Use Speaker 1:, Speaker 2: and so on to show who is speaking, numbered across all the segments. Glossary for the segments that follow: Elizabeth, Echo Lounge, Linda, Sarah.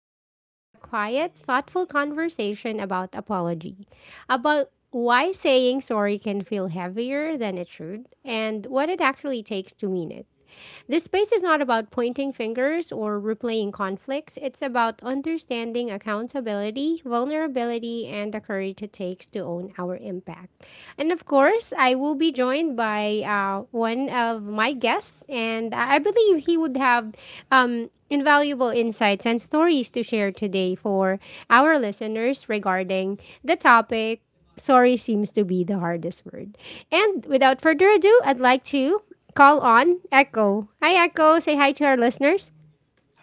Speaker 1: episode is a quiet, thoughtful conversation about apology, about why saying sorry can feel heavier than it should, and what it actually takes to mean it. This space is not about pointing fingers or replaying conflicts. It's about understanding accountability, vulnerability, and the courage it takes to own our impact. And of course, I will be joined by one of my guests, and I believe he would have invaluable insights and stories to share today for our listeners regarding the topic sorry seems to be the hardest word. And without further ado, I'd like to call on Echo. Hi, Echo. Say hi to our listeners.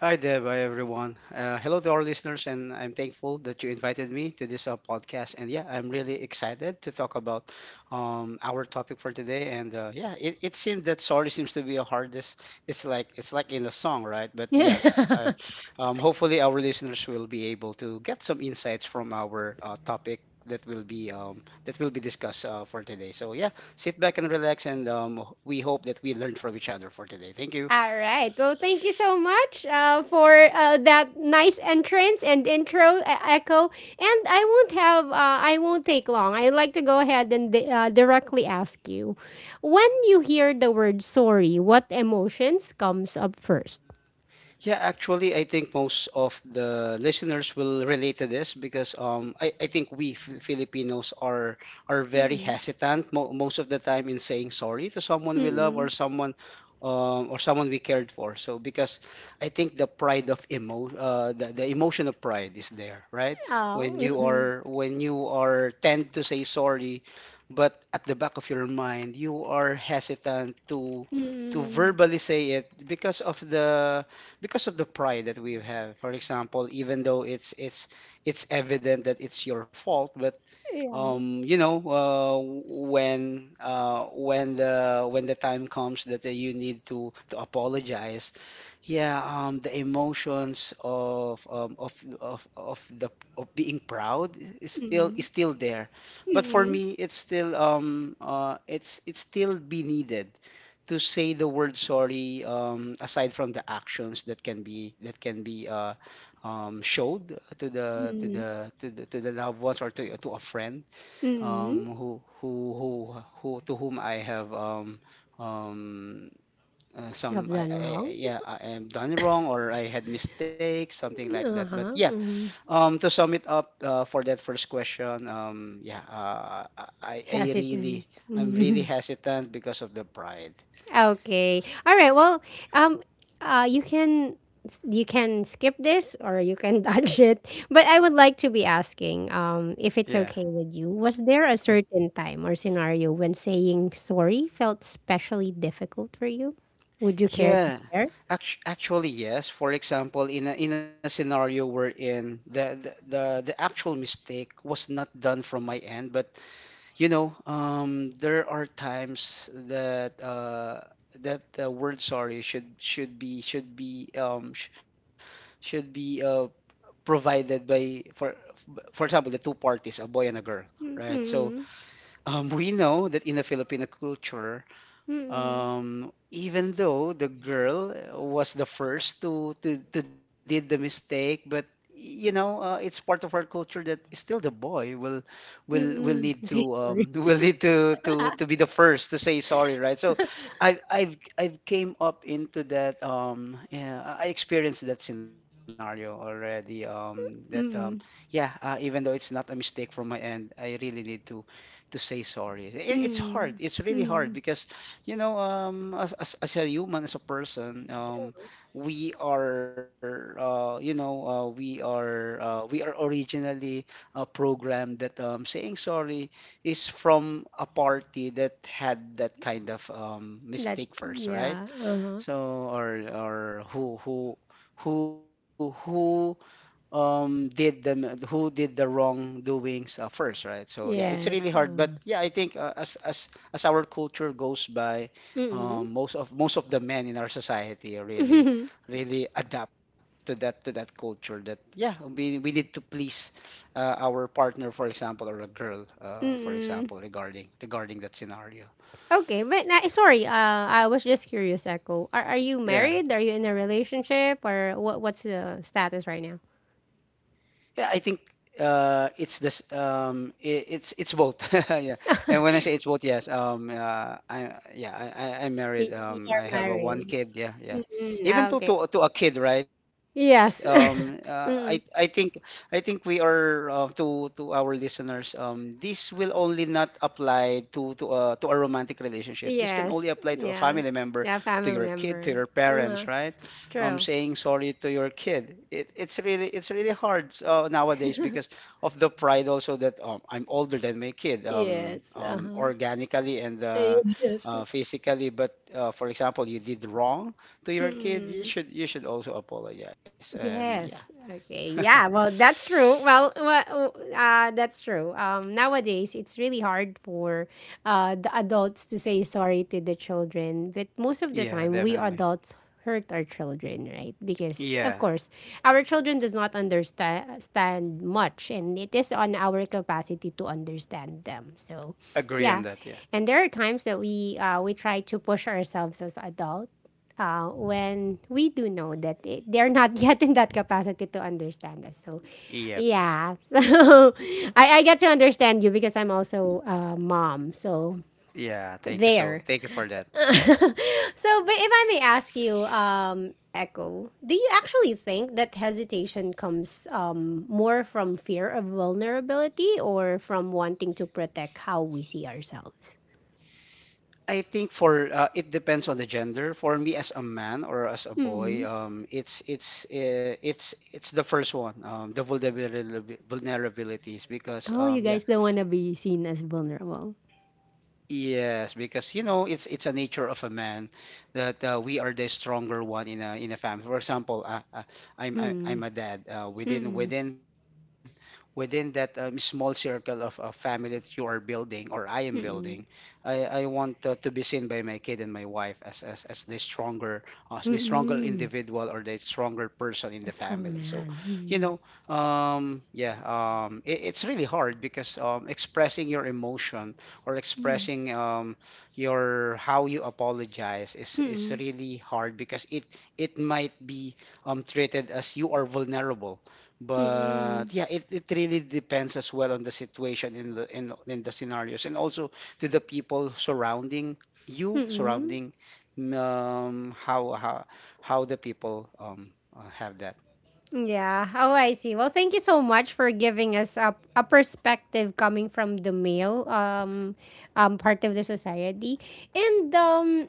Speaker 2: Hi there, hi everyone. Hello to our listeners, and I'm thankful that you invited me to this podcast. And yeah, I'm really excited to talk about our topic for today. And yeah, it seems that sorry seems to be a hardest. It's like in a song, right? But yeah,
Speaker 1: Yeah.
Speaker 2: hopefully our listeners will be able to get some insights from our topic that will be discussed for today. So yeah, sit back and relax, and we hope that we learn from each other for today. Thank you.
Speaker 1: All right. Well, thank you so much for that nice entrance and intro, Echo. And I won't take long. I'd like to go ahead and directly ask you, when you hear the word sorry, what emotions comes up first?
Speaker 2: Yeah, actually, I think most of the listeners will relate to this because I think we Filipinos are very
Speaker 1: Mm-mm.
Speaker 2: hesitant most of the time in saying sorry to someone we love
Speaker 1: Mm-mm.
Speaker 2: or someone we cared for. So because I think the pride of the emotion of pride is there, right?
Speaker 1: Oh,
Speaker 2: When you
Speaker 1: mm-mm.
Speaker 2: are when you are tend to say sorry, but at the back of your mind you are hesitant to
Speaker 1: Mm-mm.
Speaker 2: verbally say it because of the pride that we have, for example, even though it's evident that it's your fault. But um you know uh, when when the time comes that you need to apologize, yeah, the emotions of the of being proud is still
Speaker 1: Mm,
Speaker 2: is still there. But for
Speaker 1: mm,
Speaker 2: me, it's still be needed to say the word sorry, aside from the actions that can be that can be showed to the
Speaker 1: mm,
Speaker 2: to the loved ones or to a friend,
Speaker 1: mm.
Speaker 2: um, who who who who to whom I have um,
Speaker 1: I've
Speaker 2: some
Speaker 1: done wrong.
Speaker 2: I- yeah, I am done wrong or I had mistakes, something like that. But yeah,
Speaker 1: Uh-huh. Mm.
Speaker 2: to sum it up for that first question, yeah, I
Speaker 1: Hesitant.
Speaker 2: really I'm really
Speaker 1: Mm.
Speaker 2: hesitant because of the pride.
Speaker 1: Okay. All right. Well, um, you can skip this, or you can dodge it. But I would like to be asking, if it's
Speaker 2: Yeah.
Speaker 1: okay with you, was there a certain time or scenario when saying sorry felt especially difficult for you? Would you care to
Speaker 2: Yeah.
Speaker 1: share?
Speaker 2: Actually, yes. For example, in in a scenario wherein the actual mistake was not done from my end, but you know, there are times that that the word sorry should be sh should be provided by for example the two parties, a boy and a girl, right? So
Speaker 1: Mm-mm.
Speaker 2: we know that in the Filipino culture,
Speaker 1: Mm-mm.
Speaker 2: even though the girl was the first to to did the mistake, but you know it's part of our culture that still the boy will
Speaker 1: Mm-mm.
Speaker 2: need
Speaker 1: Say
Speaker 2: to will need to be the first to say sorry, right? So I've came up into that, yeah, I experienced that scenario already, that
Speaker 1: sorry.
Speaker 2: yeah, even though it's not a mistake from my end, I really need to say sorry. it, it's hard
Speaker 1: Mm,
Speaker 2: it's really hard
Speaker 1: mm,
Speaker 2: because you know, as a human, as a person, we are we are originally programmed that saying sorry is from a party that had that kind of
Speaker 1: that
Speaker 2: mistake first, right?
Speaker 1: yeah, uh-huh.
Speaker 2: So or who who who who um did the who did the wrongdoings first, right? So yeah, it's really
Speaker 1: Yes.
Speaker 2: hard. But yeah, I think as our culture goes by,
Speaker 1: Mm.
Speaker 2: most of the men in our society are really really adapt to that culture. That yeah, we need to please our partner, for example, or a girl, for example,
Speaker 1: Mm.
Speaker 2: regarding that scenario.
Speaker 1: Okay, but na sorry. I was just curious, Echo. Are you
Speaker 2: Yeah.
Speaker 1: married? Are you in a relationship, or what's the status right now?
Speaker 2: Yeah, I think it's this. I It's both. Yeah, and when I say it's both, yes. I Yeah, I'm married.
Speaker 1: Y- You're
Speaker 2: I have a one
Speaker 1: married.
Speaker 2: kid. Yeah, yeah. Even
Speaker 1: Mm-mm.
Speaker 2: to
Speaker 1: Okay.
Speaker 2: to a kid, right?
Speaker 1: Yes. Mm.
Speaker 2: I think we are to our listeners. This will only not apply to to a romantic relationship. This can only
Speaker 1: Yes.
Speaker 2: apply to a family
Speaker 1: Yeah.
Speaker 2: member,
Speaker 1: Yeah,
Speaker 2: to
Speaker 1: family
Speaker 2: your kid, to
Speaker 1: member.
Speaker 2: your parents,
Speaker 1: Uh-huh.
Speaker 2: right?
Speaker 1: True.
Speaker 2: Saying sorry to your kid, it's really hard nowadays because of the pride also. That I'm older than my kid,
Speaker 1: Yes. Uh-huh.
Speaker 2: organically, and
Speaker 1: Yes.
Speaker 2: physically. But for example, you did wrong to your kid.
Speaker 1: Mm.
Speaker 2: You should also apologize. And yeah,
Speaker 1: Yes. Okay. Yeah. Well, that's true. Well, that's true. Nowadays, it's really hard for the adults to say sorry to the children. But most of the
Speaker 2: yeah,
Speaker 1: time, we
Speaker 2: definitely.
Speaker 1: adults hurt our children, right? Because, of
Speaker 2: Yeah,
Speaker 1: course, our children does not understand much. And it is on our capacity to understand them. So,
Speaker 2: agree on
Speaker 1: yeah.
Speaker 2: that. Yeah.
Speaker 1: And there are times that we try to push ourselves as adults when we do know that they're not yet in that capacity to understand us. So,
Speaker 2: Yep.
Speaker 1: yeah. So, I get to understand you because I'm also a mom. So,
Speaker 2: Yeah. Thank you so.
Speaker 1: there.
Speaker 2: Thank you for that.
Speaker 1: So, but if I may ask you, Echo, do you actually think that hesitation comes more from fear of vulnerability or from wanting to protect how we see ourselves?
Speaker 2: I think for it depends on the gender. For me, as a man or as a boy, it's the first one, the vulnerability vulnerabilities. Because
Speaker 1: Oh, you
Speaker 2: yeah,
Speaker 1: guys don't want to be seen as vulnerable.
Speaker 2: yes, because you know it's a nature of a man that we are the stronger one in a family. For example, I'm a
Speaker 1: Mm.
Speaker 2: dad. Within
Speaker 1: Mm-mm.
Speaker 2: that small circle of a family that you are building or I am building, I
Speaker 1: Mm-mm.
Speaker 2: I want to be seen by my kid and my wife as the stronger,
Speaker 1: Mm-mm.
Speaker 2: individual, or the stronger person in the
Speaker 1: A
Speaker 2: family.
Speaker 1: strong
Speaker 2: So,
Speaker 1: man.
Speaker 2: you know,
Speaker 1: Mm-mm.
Speaker 2: yeah, it's really hard because expressing your emotion or expressing your how you apologize is
Speaker 1: Mm-mm.
Speaker 2: really hard because it might be treated as you are vulnerable.
Speaker 1: Mm-mm.
Speaker 2: But yeah, it really depends as well on the situation in the in the scenarios, and also to the people surrounding you,
Speaker 1: Mm-mm.
Speaker 2: surrounding um, how how how the people have that.
Speaker 1: Yeah. Oh, I see. Well, thank you so much for giving us a perspective coming from the male part of the society. And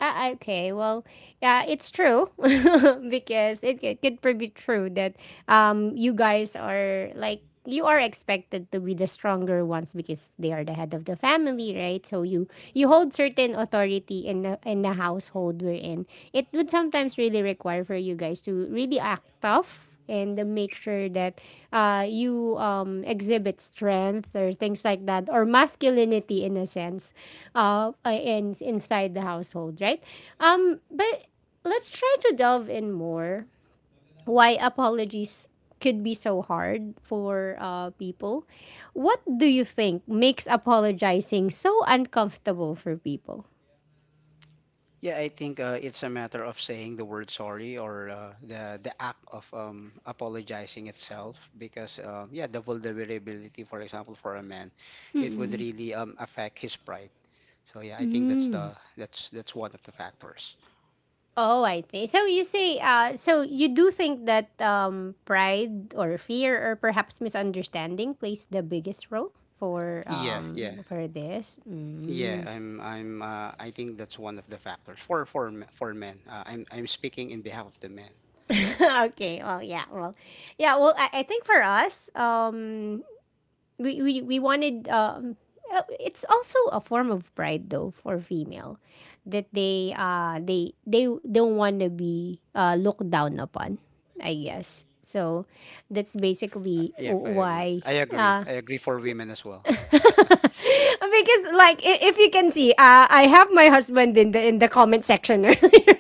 Speaker 1: Ah, okay. Well, yeah, it's true because it could be true that um you guys are like you are expected to be the stronger ones because they are the head of the family, right? So you hold certain authority in the household we're in. It would sometimes really require for you guys to really act tough and make sure that you exhibit strength or things like that, or masculinity in a sense, inside the household, right. But let's try to delve in more why apologies could be so hard for people. What do you think makes apologizing so uncomfortable for people?
Speaker 2: Yeah, I think it's a matter of saying the word sorry or the act of apologizing itself. Because yeah, the vulnerability, for example, for a man, it would
Speaker 1: Mm-mm.
Speaker 2: really affect his pride. So yeah, I think that's
Speaker 1: Mm.
Speaker 2: the that's one of the factors.
Speaker 1: Oh, I think. So you do think that pride or fear, or perhaps misunderstanding, plays the biggest role for
Speaker 2: Yeah, yeah,
Speaker 1: um for this.
Speaker 2: yeah.
Speaker 1: Mm.
Speaker 2: I think that's one of the factors for for men. I'm speaking in behalf of the men.
Speaker 1: Okay. Well, yeah. Well, yeah. Well, I think for us, we wanted it's also a form of pride though for female, that they don't want to be looked down upon, I guess. So that's basically
Speaker 2: Yep, I agree.
Speaker 1: why.
Speaker 2: I agree.
Speaker 1: uh
Speaker 2: I agree for women as well.
Speaker 1: because like, if you can see, I have my husband in the comment section earlier,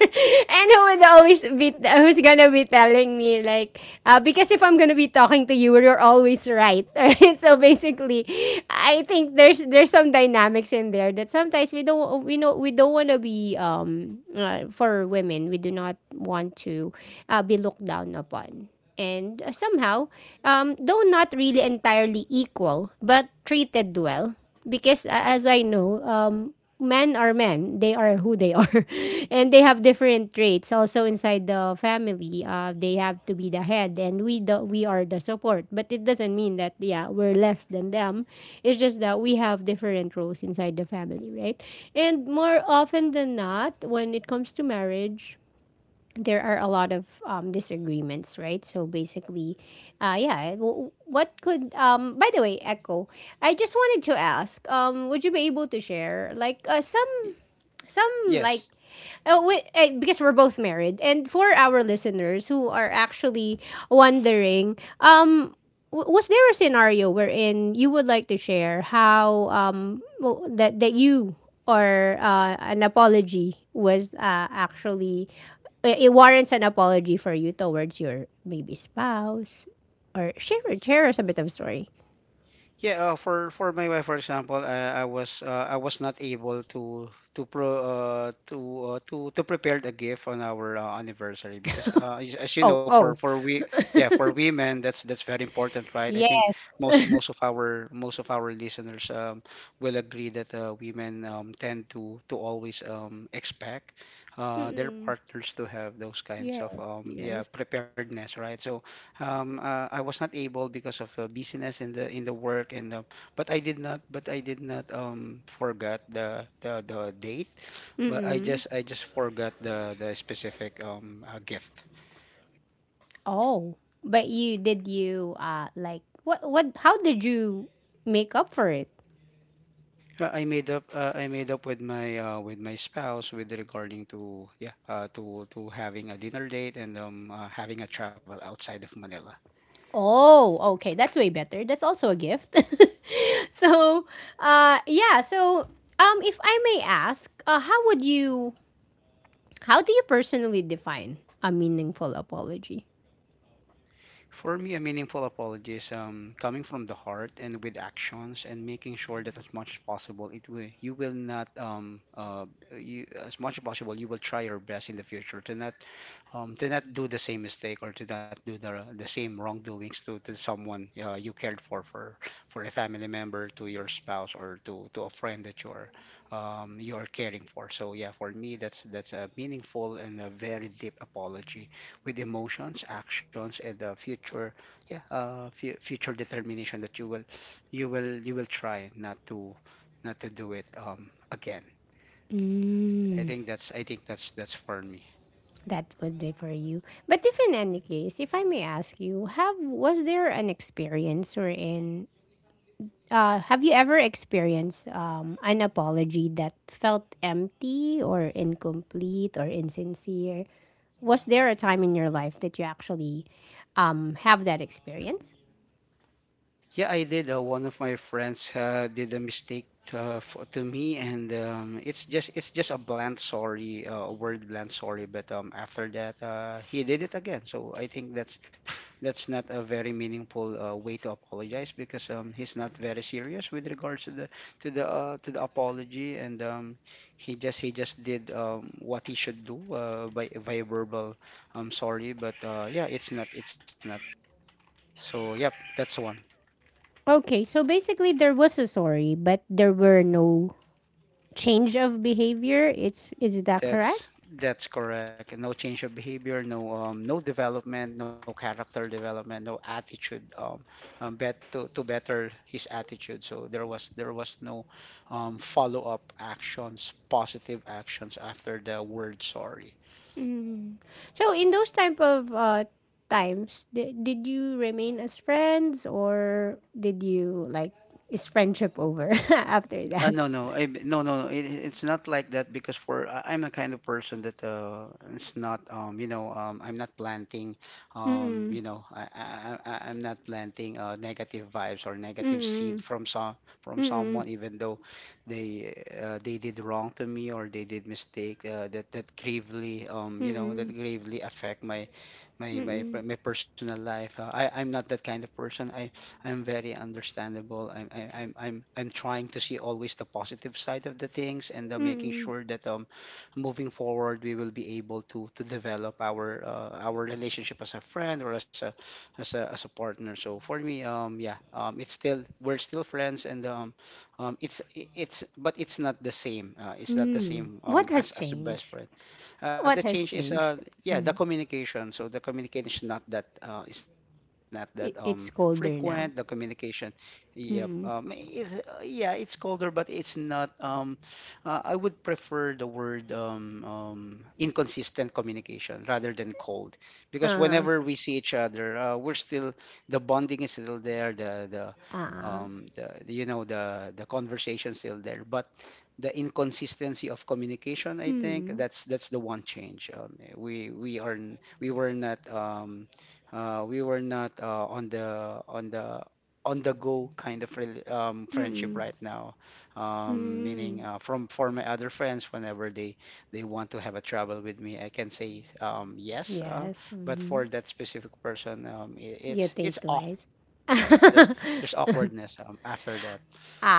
Speaker 1: and who's gonna be telling me like, because if I'm gonna be talking to you, you're always right, right? So basically, I think there's some dynamics in there that sometimes we don't, we know we don't want to be for women we do not want to be looked down upon, and somehow, though not really entirely equal, but treated well. Because as I know, men are men; they are who they are, and they have different traits. Also inside the family, they have to be the head, and we are the support. But it doesn't mean that, yeah, we're less than them. It's just that we have different roles inside the family, right? And more often than not, when it comes to marriage, there are a lot of disagreements, right? So basically, yeah. w- What could um? By the way, Echo, I just wanted to ask, would you be able to share like some like
Speaker 2: Yes,
Speaker 1: we, eh, because we're both married, and for our listeners who are actually wondering, was there a scenario wherein you would like to share how w- that that you or an apology was it warrants an apology for you towards your maybe spouse, or share us a bit of story.
Speaker 2: yeah, for my wife, for example, I was not able to pro to prepare the gift on our anniversary. Because as you know,
Speaker 1: Oh,
Speaker 2: for
Speaker 1: oh.
Speaker 2: for we, yeah, for women, that's very important, right? I think
Speaker 1: Yes.
Speaker 2: most most of our listeners will agree that women tend to always expect their
Speaker 1: Mm-mm.
Speaker 2: partners to have those kinds
Speaker 1: Yes,
Speaker 2: of yeah,
Speaker 1: yes.
Speaker 2: preparedness, right? So I was not able because of busyness in the work, and but I did not forgot the date, but
Speaker 1: Mm-mm.
Speaker 2: I just forgot the specific gift.
Speaker 1: Oh, but you did you like, what how did you make up for it?
Speaker 2: I made up with my spouse, with regarding to yeah to having a dinner date, and having a travel outside of Manila.
Speaker 1: Oh, okay, that's way better. That's also a gift. So, uh yeah, so if I may ask, how do you personally define a meaningful apology?
Speaker 2: For me, a meaningful apology is coming from the heart and with actions, and making sure that as much as possible, it will you will not you as much as possible you will try your best in the future to not do the same mistake, or to not do the same wrongdoings to someone you cared for. For a family member, to your spouse, or to a friend that you're caring for. So yeah, for me, that's a meaningful and a very deep apology with emotions, actions, and the future. Yeah, future determination that you will try not to, not to do it again.
Speaker 1: Mm,
Speaker 2: I think that's for me.
Speaker 1: that would be for you. But if in any case, if I may ask you, have was there an experience wherein have you ever experienced an apology that felt empty or incomplete or insincere? Was there a time in your life that you actually have that experience?
Speaker 2: Yeah, I did. One of my friends did a mistake to me, and it's just a bland sorry, a word bland sorry. But after that, he did it again. So I think that's not a very meaningful way to apologize, because he's not very serious with regards to the to the apology. And he just did what he should do by verbal sorry. But yeah, it's not it's not. So yep, that's the one.
Speaker 1: Okay, so basically there was a sorry, but there were no change of behavior. It's Is that correct?
Speaker 2: That's correct. No change of behavior, no no development, no character development, no attitude. To better his attitude. So there was no follow up actions, positive actions after the word sorry.
Speaker 1: Mm. So in those type of times, did you remain as friends, or did you like is friendship over after that?
Speaker 2: No, no, no. It's not like that because I'm a kind of person that, it's not, I'm not planting, um you
Speaker 1: Mm-mm.
Speaker 2: know I I I'm not planting negative vibes or negative seed
Speaker 1: Mm-mm.
Speaker 2: from some from
Speaker 1: Mm-mm.
Speaker 2: someone, even though they, they did wrong to me, or they did mistake, that gravely,
Speaker 1: Mm-mm.
Speaker 2: that gravely affect
Speaker 1: Mm-mm.
Speaker 2: my personal life. I'm not that kind of person. I'm very understandable. I'm I, I'm trying to see always the positive side of the things, and, making
Speaker 1: Mm-mm.
Speaker 2: sure that, moving forward, we will be able to develop our, our relationship as a friend or as a partner. So for me, yeah, it's still we're still friends, and, it's, but it's not the same. It's not the
Speaker 1: Mm.
Speaker 2: same,
Speaker 1: What has
Speaker 2: as a best
Speaker 1: changed?
Speaker 2: friend. The
Speaker 1: What
Speaker 2: change
Speaker 1: has
Speaker 2: is,
Speaker 1: changed?
Speaker 2: yeah, the communication. So the communication is not that, is not that,
Speaker 1: It's
Speaker 2: frequent. The
Speaker 1: colder now.
Speaker 2: communication, yeah, yeah, it's colder, but it's not, I would prefer the word, inconsistent communication, rather than cold, because
Speaker 1: Uh,
Speaker 2: whenever we see each other, we're still the bonding is still there.
Speaker 1: uh.
Speaker 2: The conversation still there, but the inconsistency of communication. I think
Speaker 1: Mm.
Speaker 2: that's the one change, we were not, on the on the on the go kind of friendship
Speaker 1: Mm-mm.
Speaker 2: right now, meaning,
Speaker 1: Mm.
Speaker 2: from for my other friends, whenever they want to have a travel with me, I can say, yes,
Speaker 1: Yes.
Speaker 2: but
Speaker 1: Mm-hmm.
Speaker 2: for that specific person, I
Speaker 1: You think
Speaker 2: it's
Speaker 1: twice.
Speaker 2: awkward. I think that
Speaker 1: Ah,
Speaker 2: there's awkwardness, after that,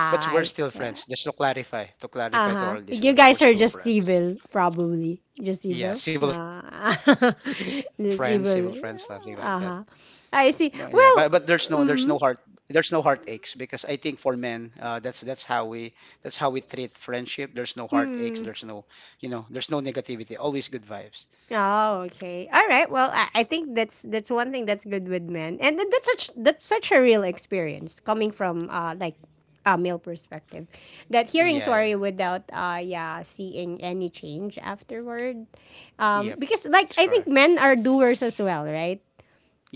Speaker 2: but we're still
Speaker 1: see.
Speaker 2: friends. Just to clarify to
Speaker 1: Uh-huh.
Speaker 2: our
Speaker 1: You
Speaker 2: listeners, we're
Speaker 1: guys are
Speaker 2: still
Speaker 1: just
Speaker 2: friends.
Speaker 1: civil, probably. Just
Speaker 2: Yeah.
Speaker 1: civil.
Speaker 2: Civil
Speaker 1: Ah.
Speaker 2: friends, something like,
Speaker 1: Just civil.
Speaker 2: but yeah.
Speaker 1: Uh-huh.
Speaker 2: But
Speaker 1: I see. Well,
Speaker 2: there's no
Speaker 1: mm.
Speaker 2: heartaches, because I think for men, that's how we treat friendship. There's no heartaches. There's no
Speaker 1: Mm.
Speaker 2: there's no negativity. Always good vibes.
Speaker 1: Oh, okay. All right. Well, I think that's one thing that's good with men, and that's such a real experience coming from like a male perspective, that hearing
Speaker 2: Yeah, yeah,
Speaker 1: sorry without seeing any change afterward,
Speaker 2: yep,
Speaker 1: because
Speaker 2: it's
Speaker 1: like, I
Speaker 2: correct.
Speaker 1: think men are doers as well, right?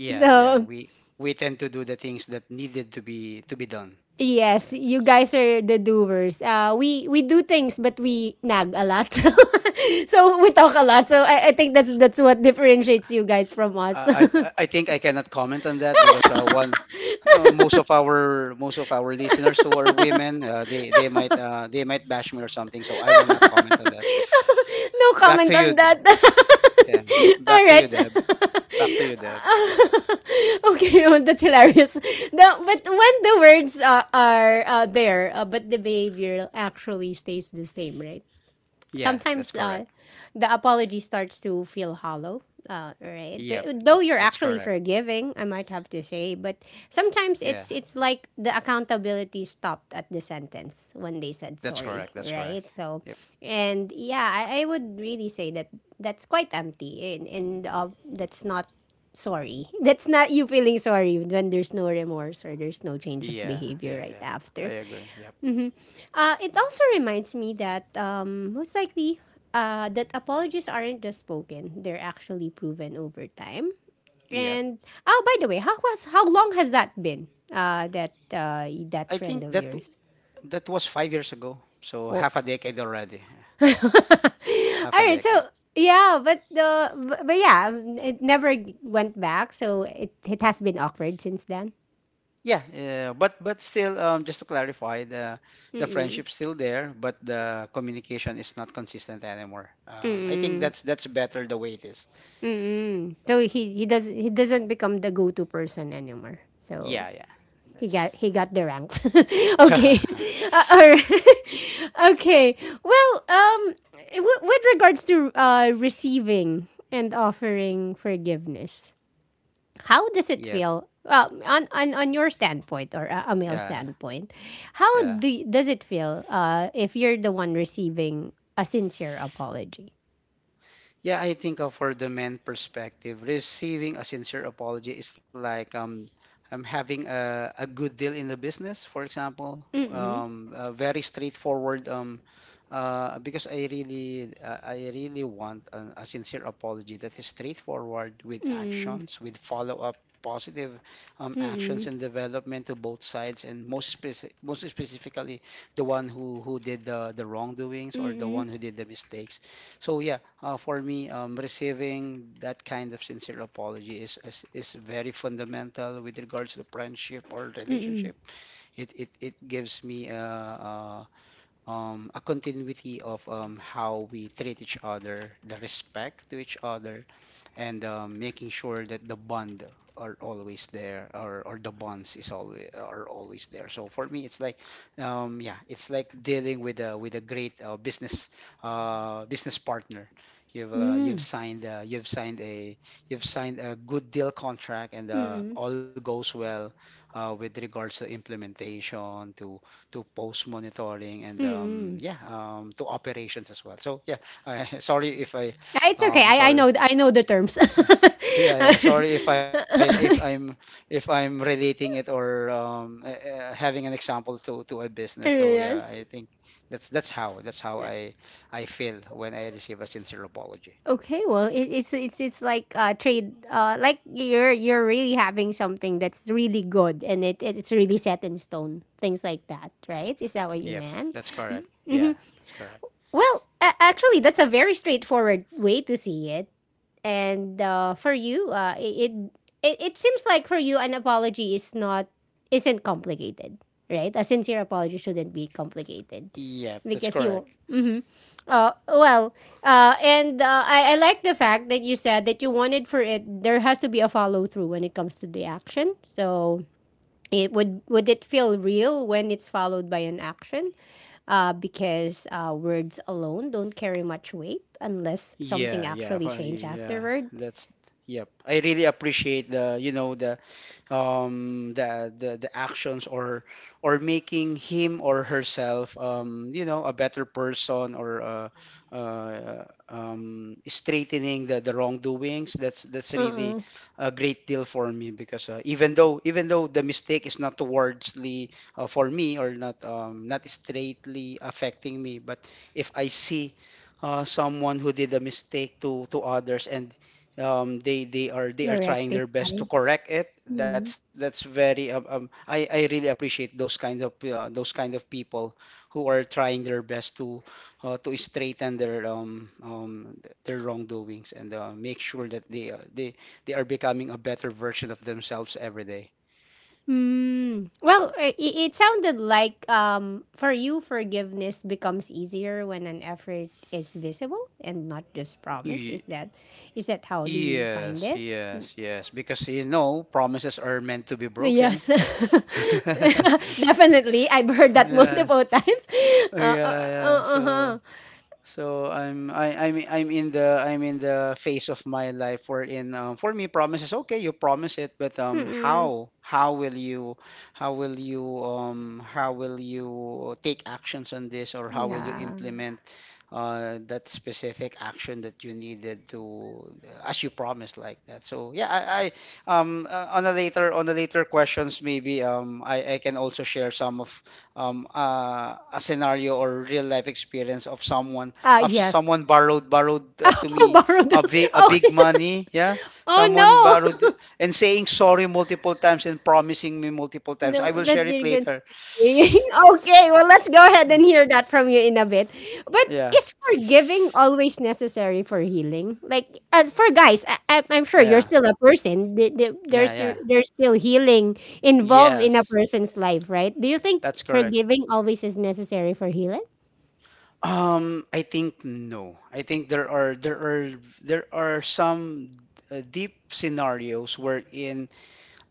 Speaker 2: Yeah, yeah.
Speaker 1: So
Speaker 2: We tend to do the things that needed to be done.
Speaker 1: yes,
Speaker 2: Yeah.
Speaker 1: you guys are the doers. We do things, but we nag a lot. So we talk a lot. So I think that's what differentiates you guys from us.
Speaker 2: I think I cannot comment on that, because, one most of our listeners who are women, they might, they might bash me or something. So I will not comment on that.
Speaker 1: No
Speaker 2: Back
Speaker 1: comment
Speaker 2: to
Speaker 1: on
Speaker 2: you.
Speaker 1: that.
Speaker 2: Yeah. Back to
Speaker 1: Alright.
Speaker 2: you, Deb. Back to you, Deb.
Speaker 1: Okay, oh, that's hilarious. But when the words are there, but the behavior actually stays the same, right?
Speaker 2: Yeah, that's
Speaker 1: Sometimes
Speaker 2: correct.
Speaker 1: the apology starts to feel hollow. Right,
Speaker 2: Yep,
Speaker 1: but though you're
Speaker 2: that's correct.
Speaker 1: actually forgiving, I might have to say, but sometimes
Speaker 2: Yeah,
Speaker 1: it's like the accountability stopped at the sentence when they said
Speaker 2: that's correct.
Speaker 1: sorry,
Speaker 2: That's correct.
Speaker 1: right? So,
Speaker 2: Yep.
Speaker 1: and yeah, I would really say that that's quite empty, and that's not sorry. That's not you feeling sorry when there's no remorse, or there's no change of
Speaker 2: Yeah, yeah,
Speaker 1: behavior right
Speaker 2: yeah. I
Speaker 1: after.
Speaker 2: agree. Yep.
Speaker 1: It also reminds me that, most likely that apologies aren't just spoken; they're actually proven over time.
Speaker 2: Yep.
Speaker 1: And oh, by the way, how long has that been? That
Speaker 2: I
Speaker 1: friend
Speaker 2: think
Speaker 1: of yours.
Speaker 2: that was 5 years ago. So
Speaker 1: Oh,
Speaker 2: half a decade already.
Speaker 1: all
Speaker 2: Half a
Speaker 1: right.
Speaker 2: decade.
Speaker 1: So yeah, but the but yeah, it never went back. So it has been awkward since then.
Speaker 2: Yeah, yeah, yeah. But still, just to clarify, the
Speaker 1: Mm-mm.
Speaker 2: friendship's still there, but the communication is not consistent anymore. I think
Speaker 1: Mm-mm.
Speaker 2: that's better the way it is.
Speaker 1: Mm-mm. So he doesn't become the go-to person anymore. So
Speaker 2: Yeah, yeah,
Speaker 1: he got
Speaker 2: that's
Speaker 1: he got the ranks. Okay, all right. Okay. Well, with regards to receiving and offering forgiveness, how does it
Speaker 2: yeah,
Speaker 1: feel? Well, on, your standpoint, or a male
Speaker 2: yeah,
Speaker 1: standpoint,
Speaker 2: yeah.
Speaker 1: does it feel if you're the one receiving a sincere apology?
Speaker 2: Yeah, I think, for the men perspective, receiving a sincere apology is like, having a good deal in the business, for example.
Speaker 1: Mm-mm,
Speaker 2: Very straightforward. Because I really, want a sincere apology that is straightforward, with actions, with follow-up positive, actions and development to both sides, and most specifically, the one who did the wrongdoings, or the one
Speaker 1: mm-mm,
Speaker 2: who did the mistakes. So yeah, for me, receiving that kind of sincere apology is very fundamental with regards to friendship or
Speaker 1: mm-mm, mm,
Speaker 2: relationship. It gives me a, a continuity of, how we treat each other, the respect to each other, and, making sure that the bond are always there, or the bonds is always are always there. So for me, it's like, yeah, it's like dealing with a, great, business, business partner. you've uh, you've
Speaker 1: mm-mm,
Speaker 2: signed uh, you've signed a you've signed a good deal contract, and,
Speaker 1: mm, mm,
Speaker 2: all goes well, with regards to implementation, to post monitoring, and,
Speaker 1: mm.
Speaker 2: yeah, to operations as well. So yeah, sorry if, I
Speaker 1: Ah, it's okay. I I
Speaker 2: sorry.
Speaker 1: know I know the terms.
Speaker 2: Yeah, yeah, sorry if, I if I'm relating it, or, having an example to a business. So yeah, I
Speaker 1: Yes.
Speaker 2: think that's how I feel when I receive a sincere apology.
Speaker 1: Okay. Well, it, it's like trade, like you're really having something that's really good, and it's really set in stone. Things like that, right? Is that what you
Speaker 2: Yep,
Speaker 1: meant?
Speaker 2: that's correct. Yeah,
Speaker 1: Mm-hmm.
Speaker 2: that's correct.
Speaker 1: Well, actually, that's a very straightforward way to see it. And for you, it seems like for you an apology is not isn't complicated, right? A sincere apology shouldn't be complicated
Speaker 2: Yep, that's
Speaker 1: because you.
Speaker 2: correct.
Speaker 1: Mm-hmm. Well, and I like the fact that you said that you wanted for it. There has to be a follow through when it comes to the action. So it would it feel real when it's followed by an action? Because words alone don't carry much weight unless something
Speaker 2: Yeah, yeah,
Speaker 1: actually change
Speaker 2: yeah.
Speaker 1: afterward.
Speaker 2: That's Yep. I really appreciate, the the actions, or making him or herself, a better person, or, straightening the wrongdoings. That's
Speaker 1: Uh
Speaker 2: really
Speaker 1: uh,
Speaker 2: a great deal for me, because, even though the mistake is not towardsly, for me, or not, not straightly affecting me, but if I see, someone who did a mistake to others, and, they are trying their
Speaker 1: na-rectify.
Speaker 2: best to correct it. That's
Speaker 1: Mm.
Speaker 2: very, I really appreciate those kinds of, those kind of people who are trying their best, to straighten their, their wrongdoings, and, make sure that they, they are becoming a better version of themselves every day.
Speaker 1: Hmm, well, I it sounded like, for you, forgiveness becomes easier when an effort is visible and not just promise.
Speaker 2: Ye-
Speaker 1: Is that how do you find
Speaker 2: yes,
Speaker 1: it?
Speaker 2: yes, yes, because, you know, promises are meant to be broken.
Speaker 1: Yes. Definitely, I've heard that
Speaker 2: Yeah.
Speaker 1: multiple times.
Speaker 2: Oh, yeah, yeah.
Speaker 1: Uh-huh.
Speaker 2: So, I'm in the phase of my life wherein, for me, promises, okay, you promise it, but,
Speaker 1: Mm-mm.
Speaker 2: how will you, how will you take actions on this, or how will you
Speaker 1: Yeah.
Speaker 2: implement, that specific action that you needed to, as you promised, like that. So yeah, I, on the later questions maybe, I can also share some of, a scenario or real life experience of someone,
Speaker 1: Ah, yes.
Speaker 2: borrowed, to
Speaker 1: Oh,
Speaker 2: me,
Speaker 1: borrowed.
Speaker 2: a big,
Speaker 1: Okay.
Speaker 2: money, yeah. Someone
Speaker 1: Oh,
Speaker 2: borrowed
Speaker 1: no.
Speaker 2: and saying sorry multiple times, and promising me multiple times. I
Speaker 1: No,
Speaker 2: will
Speaker 1: that
Speaker 2: share it
Speaker 1: you're
Speaker 2: later.
Speaker 1: okay, well, let's go ahead and hear that from you in a bit. But
Speaker 2: Yeah,
Speaker 1: is forgiving always necessary for healing? Like, as for guys, I'm sure you're
Speaker 2: yeah,
Speaker 1: still a person. The- the-
Speaker 2: yeah,
Speaker 1: There's
Speaker 2: yeah,
Speaker 1: there's still healing
Speaker 2: yeah,
Speaker 1: involved in a person's life, right? Do you think
Speaker 2: that's correct.
Speaker 1: forgiving always is necessary for healing?
Speaker 2: I think no, I think there are, some, deep scenarios wherein,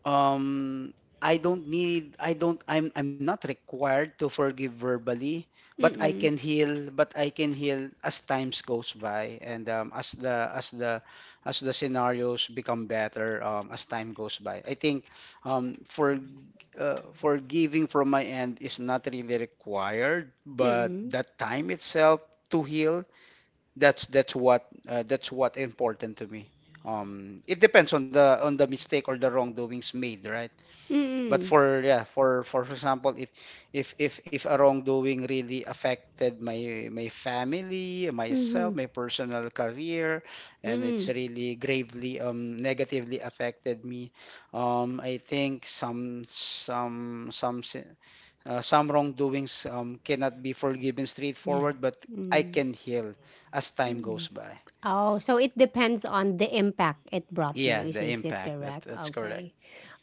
Speaker 2: um I don't need I don't I'm not required to forgive verbally, but I
Speaker 1: Mm,
Speaker 2: can heal But I can heal as times goes by, and, as the scenarios become better, as time goes by. I think, um, for forgiving from my end is not really required, but
Speaker 1: mm,
Speaker 2: that time itself to heal, that's what, that's what important to me. It depends on the mistake or the wrongdoings made, right?
Speaker 1: mm, mm,
Speaker 2: But
Speaker 1: mm,
Speaker 2: for, yeah, for example, if a wrongdoing really affected my, family, myself,
Speaker 1: mm,
Speaker 2: my personal career,
Speaker 1: mm,
Speaker 2: and it's
Speaker 1: mm,
Speaker 2: really gravely, negatively affected me. I think some wrongdoings, cannot be forgiven
Speaker 1: yeah.
Speaker 2: straightforward, but I
Speaker 1: Mm-mm.
Speaker 2: can heal as time goes by.
Speaker 1: Oh, so it depends on the impact it brought you.
Speaker 2: Yeah,
Speaker 1: Is
Speaker 2: the
Speaker 1: is it
Speaker 2: impact.
Speaker 1: correct?
Speaker 2: That's correct.
Speaker 1: Okay,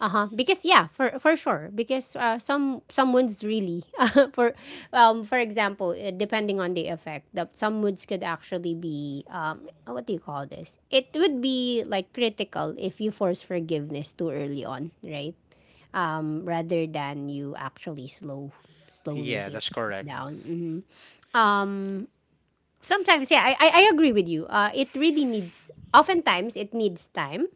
Speaker 1: uh huh. Because yeah, for sure. Because some wounds really for for example, depending on the effect, that some wounds could actually be, what do you call this? It would be like critical if you force forgiveness too early on, right? Rather than you actually slowly
Speaker 2: Yeah,
Speaker 1: heal
Speaker 2: that's
Speaker 1: it
Speaker 2: correct.
Speaker 1: down. Hmm. Um, Sometimes, yeah, I agree with you, it really needs, oftentimes it needs time,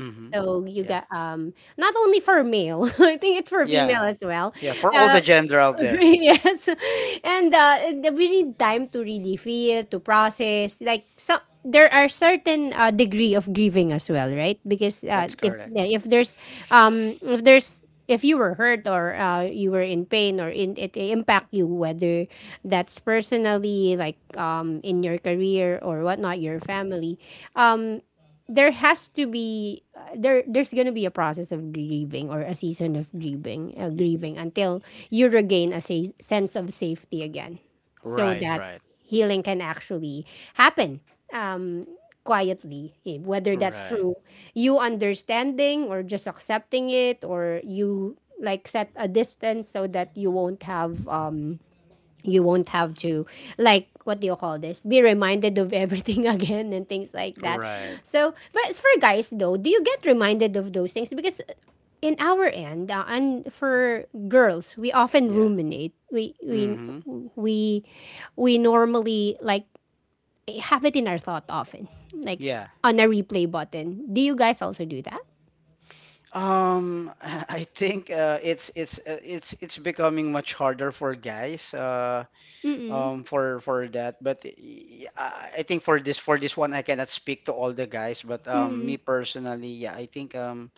Speaker 2: Mm-hmm.
Speaker 1: so you
Speaker 2: Yeah,
Speaker 1: got, not only for male, I think it's for
Speaker 2: yeah,
Speaker 1: female as well.
Speaker 2: yeah. For all the
Speaker 1: uh
Speaker 2: gender out there,
Speaker 1: yes. And we need time to really feel, to process. Like some, there are certain degree of grieving as well, right? Because,
Speaker 2: that's
Speaker 1: if,
Speaker 2: correct.
Speaker 1: yeah, if there's if you were hurt or, you were in pain, or in it impact you, whether that's personally, like, in your career or whatnot, your family, um there has to be, there there's gonna be a process of grieving or a season of grieving,
Speaker 2: Y-
Speaker 1: grieving until you regain a sense of safety again, so
Speaker 2: Right,
Speaker 1: that
Speaker 2: right,
Speaker 1: healing can actually happen, um quietly, whether that's
Speaker 2: right,
Speaker 1: through you understanding, or just accepting it, or you like set a distance so that you won't have to, like, what do you call this, be reminded of everything, again, and things like that.
Speaker 2: right.
Speaker 1: So, but as for guys though, do you get reminded of those things? Because in our end, and for girls we often
Speaker 2: Yeah.
Speaker 1: ruminate,
Speaker 2: Mm-hmm.
Speaker 1: we we normally like have it in our thought often, like,
Speaker 2: Yeah.
Speaker 1: on a replay button. Do you guys also do that?
Speaker 2: I think, it's becoming much harder for guys.
Speaker 1: Mm,
Speaker 2: For that. But I think for this, one, I cannot speak to all the guys, but,
Speaker 1: mm, mm,
Speaker 2: me personally, yeah, I think, um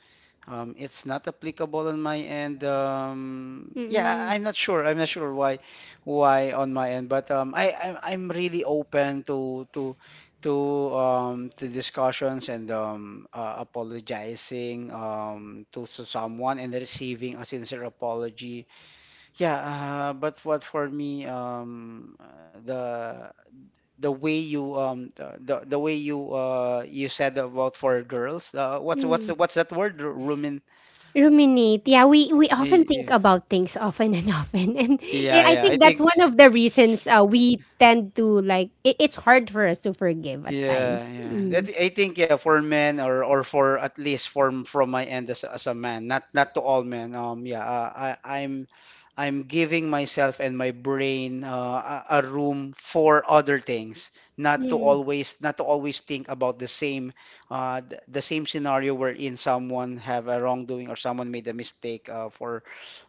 Speaker 2: um it's not applicable on my end, yeah.
Speaker 1: mm,
Speaker 2: I'm not sure, why, on my end, but, I'm really open to to discussions, and, apologizing, to someone, and receiving a sincere apology. Yeah, but what, for me, the way you, the way you said about for girls, what's
Speaker 1: mm.
Speaker 2: that word? Rumin?
Speaker 1: Ruminate. Yeah, we often think
Speaker 2: Yeah,
Speaker 1: about things often and, often, and,
Speaker 2: yeah,
Speaker 1: I
Speaker 2: yeah.
Speaker 1: think
Speaker 2: I
Speaker 1: that's
Speaker 2: think,
Speaker 1: one of the reasons, we tend to like. It's hard for us to forgive at
Speaker 2: yeah,
Speaker 1: times.
Speaker 2: yeah.
Speaker 1: Mm.
Speaker 2: That's I think, yeah, for men, or for, at least from, my end, as as a man, not, to all men. Yeah, I I'm I'm giving myself and my brain, a, room for other things, not to
Speaker 1: Mm,
Speaker 2: always, think about the same, the same scenario wherein someone have a wrongdoing, or someone made a mistake, uh, for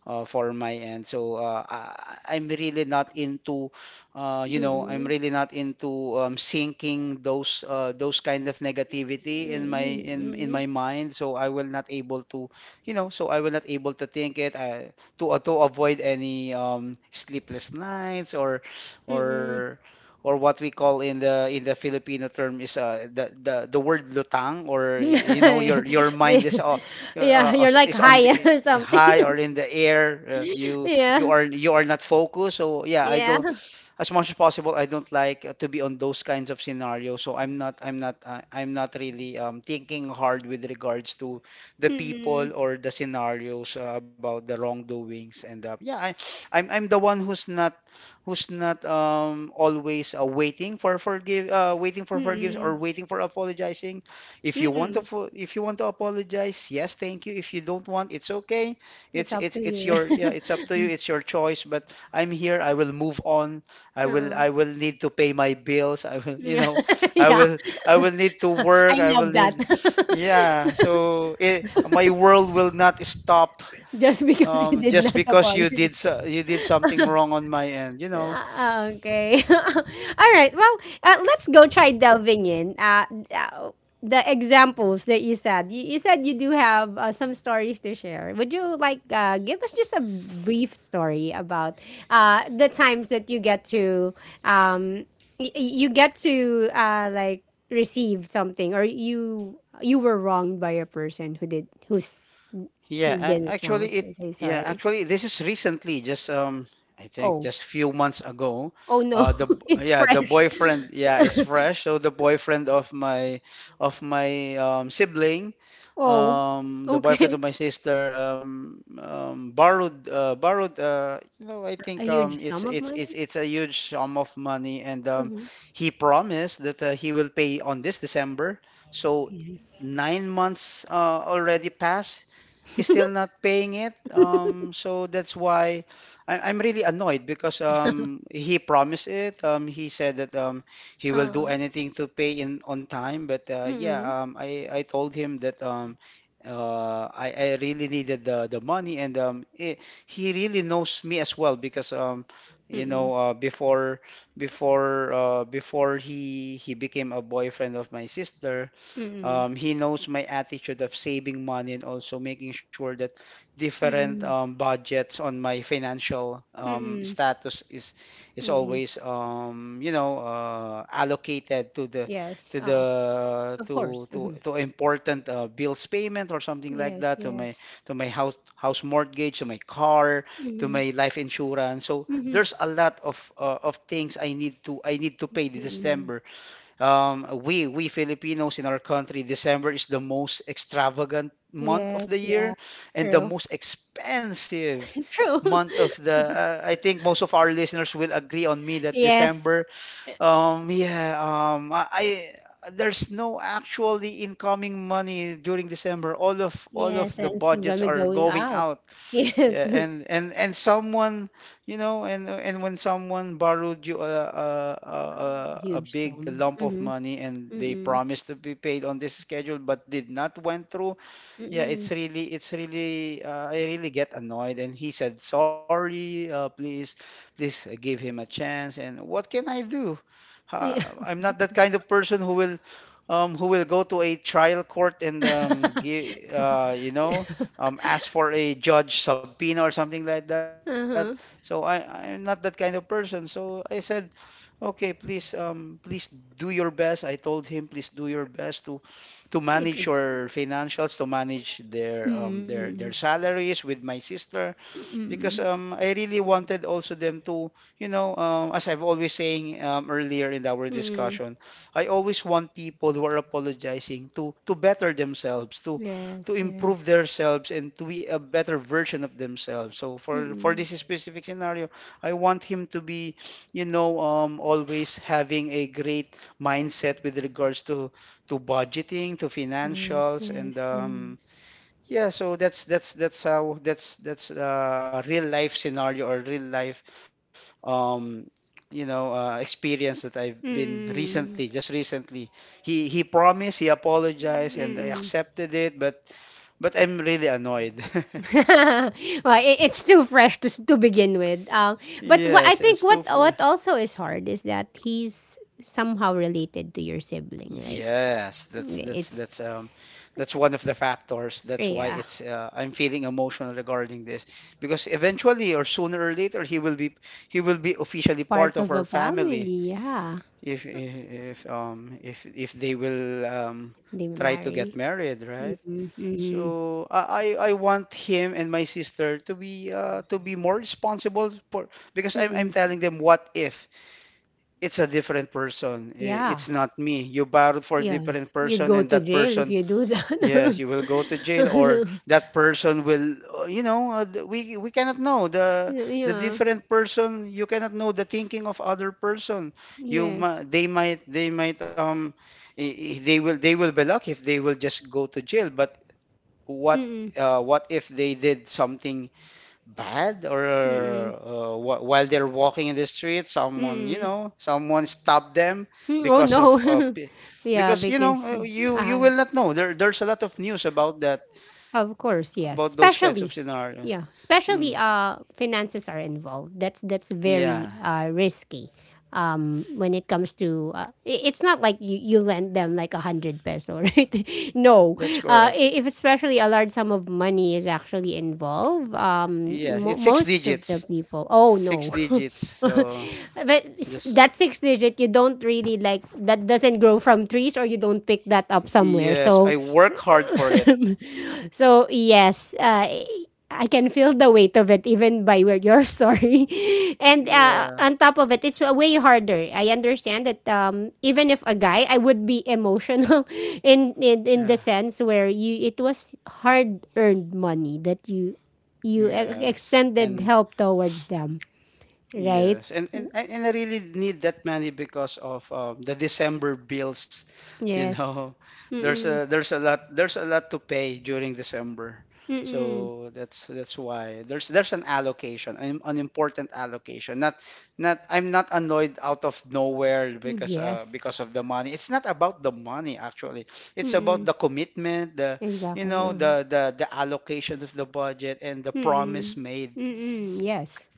Speaker 2: uh, for my end. So, I'm really not into,
Speaker 1: mm,
Speaker 2: sinking those, those kind of negativity in my,
Speaker 1: mm,
Speaker 2: in
Speaker 1: mm,
Speaker 2: my mind. So I will not able to, you know, so I will not able to think it, to avoid any sleepless nights
Speaker 1: mm,
Speaker 2: or or what we call in the Filipino term is the, the word lutang, or you know,
Speaker 1: yeah,
Speaker 2: your mind
Speaker 1: you're like
Speaker 2: is on
Speaker 1: high
Speaker 2: the
Speaker 1: or something.
Speaker 2: high, or in the air, you you
Speaker 1: Yeah,
Speaker 2: are you are not focused. So yeah, I
Speaker 1: yeah.
Speaker 2: don't, as much as possible, I don't like to be on those kinds of scenarios. So I'm not really thinking hard with regards to the people
Speaker 1: Mm-mm.
Speaker 2: or the scenarios, about the wrongdoings. And yeah, I'm the one who's not always waiting for forgive waiting for forgiveness,
Speaker 1: Mm-mm.
Speaker 2: or waiting for apologizing. If you want to
Speaker 1: Mm-mm.
Speaker 2: fo- If you want to apologize, yes, thank you. If you don't want, it's okay.
Speaker 1: It's
Speaker 2: it's
Speaker 1: up
Speaker 2: it's
Speaker 1: to
Speaker 2: it's
Speaker 1: you.
Speaker 2: your, yeah, it's up to you, it's your choice. But I'm here, I will move on. I will
Speaker 1: uh
Speaker 2: I will need to pay my bills. I will, you know, I
Speaker 1: yeah.
Speaker 2: will I will need to
Speaker 1: I
Speaker 2: work. I will
Speaker 1: love that.
Speaker 2: need, yeah. So my world will not stop
Speaker 1: Just because you did
Speaker 2: just
Speaker 1: not
Speaker 2: because
Speaker 1: apologize.
Speaker 2: you did something wrong on my end, you know.
Speaker 1: Ah, okay. Alright, well, let's go try delving in. Uh, the examples that you said. You said you do have, some stories to share. Would you like, give us just a brief story about, the times that you get to, um, you get to, like, receive something, or you were wronged by a person
Speaker 2: Yeah,
Speaker 1: who didn't sound so, say sorry.
Speaker 2: actually, this is recently, just I think
Speaker 1: Oh.
Speaker 2: just few months ago.
Speaker 1: Oh no,
Speaker 2: Uh the
Speaker 1: it's
Speaker 2: yeah, the
Speaker 1: fresh.
Speaker 2: boyfriend, yeah, is fresh. So the boyfriend of my sibling,
Speaker 1: Oh,
Speaker 2: the boyfriend of
Speaker 1: okay.
Speaker 2: my sister, borrowed, you know, I
Speaker 1: A
Speaker 2: think
Speaker 1: huge
Speaker 2: it's
Speaker 1: sum of
Speaker 2: it's it's
Speaker 1: money?
Speaker 2: it's a huge sum of money. And
Speaker 1: Mhm.
Speaker 2: he promised that he will pay on this December. So
Speaker 1: Yes.
Speaker 2: 9 months already passed, he's still not paying it. So that's why I'm really annoyed because he promised it. He said that he will do
Speaker 1: Uh,
Speaker 2: anything to pay in on time. But yeah,
Speaker 1: mm-mm,
Speaker 2: I told him that I really needed the money, and he really knows me as well, because you
Speaker 1: mm-mm,
Speaker 2: know, before, before he became a boyfriend of my sister,
Speaker 1: mm-mm,
Speaker 2: he knows my attitude of saving money, and also making sure that different
Speaker 1: mm-mm,
Speaker 2: budgets on my financial
Speaker 1: mm-mm,
Speaker 2: status is
Speaker 1: mm-mm.
Speaker 2: always, allocated to the
Speaker 1: Yes,
Speaker 2: to the
Speaker 1: of course. Hmm.
Speaker 2: to important bills payment, or something like
Speaker 1: Yes,
Speaker 2: that, to
Speaker 1: yes.
Speaker 2: my house mortgage, to my car, to
Speaker 1: Mm-hmm,
Speaker 2: my life insurance. So
Speaker 1: mm-hmm,
Speaker 2: there's a lot of things I need to, pay this
Speaker 1: mm-mm.
Speaker 2: December. We Filipinos, in our country, December is the most extravagant month of the
Speaker 1: Yes, yeah.
Speaker 2: year, and the
Speaker 1: True.
Speaker 2: most expensive
Speaker 1: True.
Speaker 2: month of the. I think most of our listeners will agree on me that
Speaker 1: Yes,
Speaker 2: December. Yeah. I. I There's no actually incoming money during December. All of
Speaker 1: yes,
Speaker 2: the
Speaker 1: and I'm
Speaker 2: budgets
Speaker 1: gonna be
Speaker 2: are
Speaker 1: going
Speaker 2: going
Speaker 1: out.
Speaker 2: out.
Speaker 1: Yes.
Speaker 2: Yeah, and someone, you know, and when someone borrowed you a
Speaker 1: Huge
Speaker 2: big
Speaker 1: sum.
Speaker 2: lump of
Speaker 1: Mm-hmm,
Speaker 2: money, and they
Speaker 1: mm-mm,
Speaker 2: promised to be paid on this schedule, but did not went through. Yeah,
Speaker 1: mm-mm.
Speaker 2: I really get annoyed. And he said, sorry, please give him a chance. And what can I do?
Speaker 1: Yeah.
Speaker 2: I'm not that kind of person who will go to a trial court, and, you know, ask for a judge subpoena or something like that. So
Speaker 1: Uh-huh.
Speaker 2: I'm not that kind of person. So I said, okay, please do your best. I told him, please do your best to manage
Speaker 1: It'll
Speaker 2: your financials, to manage
Speaker 1: mm,
Speaker 2: their
Speaker 1: mm,
Speaker 2: salaries with my sister, because
Speaker 1: mm,
Speaker 2: I really wanted also them to, you know, as I've always saying earlier in our
Speaker 1: mm.
Speaker 2: discussion, I always want people who are apologizing to better themselves, to
Speaker 1: Yes,
Speaker 2: improve
Speaker 1: yes.
Speaker 2: themselves, and to be a better version of themselves. So for
Speaker 1: Mm,
Speaker 2: this specific scenario, I want him to be, you know, always having a great mindset with regards to budgeting, to
Speaker 1: yes,
Speaker 2: financials, and
Speaker 1: yes. Mm.
Speaker 2: yeah. So that's how that's a real life scenario, or real life, um you know, experience that I've been
Speaker 1: Mm,
Speaker 2: recently, just recently. He promised, he apologized, and I
Speaker 1: mm.
Speaker 2: accepted it, but I'm really annoyed.
Speaker 1: Well, it's too fresh to to begin with. But what I
Speaker 2: Yes,
Speaker 1: think,
Speaker 2: it's
Speaker 1: what
Speaker 2: super.
Speaker 1: what also is hard, is that he's somehow related to your sibling, right?
Speaker 2: Yes,
Speaker 1: It's,
Speaker 2: that's one of the factors. That's why
Speaker 1: yeah,
Speaker 2: it's I'm feeling emotional regarding this, because eventually, or sooner or later, he will be officially
Speaker 1: part
Speaker 2: part of
Speaker 1: of
Speaker 2: our
Speaker 1: a
Speaker 2: family,
Speaker 1: family. Yeah,
Speaker 2: if they will
Speaker 1: they
Speaker 2: try to get
Speaker 1: marry.
Speaker 2: married, right?
Speaker 1: Mm-mm, mm-mm,
Speaker 2: So I want him and my sister to be, to be more responsible for, because I'm
Speaker 1: mm-mm.
Speaker 2: telling them, what if it's a different person?
Speaker 1: Yeah.
Speaker 2: It's not me. You borrowed for a
Speaker 1: Yeah,
Speaker 2: different
Speaker 1: you'd
Speaker 2: person,
Speaker 1: go
Speaker 2: and
Speaker 1: to
Speaker 2: that
Speaker 1: jail if
Speaker 2: person,
Speaker 1: you do
Speaker 2: yes,
Speaker 1: that.
Speaker 2: you will go to jail, or that person will, you know, we cannot know the
Speaker 1: Yeah,
Speaker 2: different person. You cannot know the thinking of other person.
Speaker 1: yes.
Speaker 2: They might, i- they will be lucky if they will just go to jail. But what
Speaker 1: Mm-mm,
Speaker 2: what if they did something bad, or
Speaker 1: mm-mm, mm.
Speaker 2: while they're walking in the street, someone, you
Speaker 1: Mm.
Speaker 2: know, someone stopped them
Speaker 1: Mm. Oh,
Speaker 2: because of,
Speaker 1: no. Yeah,
Speaker 2: because, you know,
Speaker 1: because,
Speaker 2: you
Speaker 1: uh,
Speaker 2: will not know, there's a lot of news about that,
Speaker 1: of course, yes.
Speaker 2: about those kinds of
Speaker 1: Especially,
Speaker 2: scenario.
Speaker 1: yeah, especially,
Speaker 2: mm,
Speaker 1: finances are involved. That's
Speaker 2: yeah,
Speaker 1: very, risky. When it comes to, it's not like you, lend them like 100 peso, right? No,
Speaker 2: that's correct.
Speaker 1: if especially a large sum of money is actually involved,
Speaker 2: Yeah, it's six
Speaker 1: most of the
Speaker 2: digits,
Speaker 1: people, oh no,
Speaker 2: so
Speaker 1: but,
Speaker 2: just
Speaker 1: that six digit you don't really like, that doesn't grow from trees or you don't pick that up somewhere.
Speaker 2: yes, I
Speaker 1: So,
Speaker 2: work hard for it.
Speaker 1: so yes, I can feel the weight of it even by your story. And,
Speaker 2: Yeah,
Speaker 1: on top of it, it's, way harder. I understand that, even if a guy, I would be emotional, in, in
Speaker 2: yeah,
Speaker 1: the sense where you, it was hard earned money that you
Speaker 2: yes, and,
Speaker 1: extended help towards them,
Speaker 2: yes,
Speaker 1: right?
Speaker 2: and I really need that money because of the December bills. You
Speaker 1: Yes.
Speaker 2: know,
Speaker 1: Mm-mm.
Speaker 2: there's a lot to pay during December.
Speaker 1: Mm-mm.
Speaker 2: So that's why there's an allocation, an important allocation. Not, I'm not annoyed out of nowhere
Speaker 1: Mm, yes.
Speaker 2: because of the money. It's not about the money, actually. It's about
Speaker 1: Mm-mm.
Speaker 2: the commitment, the you
Speaker 1: Exactly.
Speaker 2: know,
Speaker 1: Uh-huh.
Speaker 2: the allocation of the budget, and the
Speaker 1: Mm-mm.
Speaker 2: promise made.
Speaker 1: Mm-mm. Yes.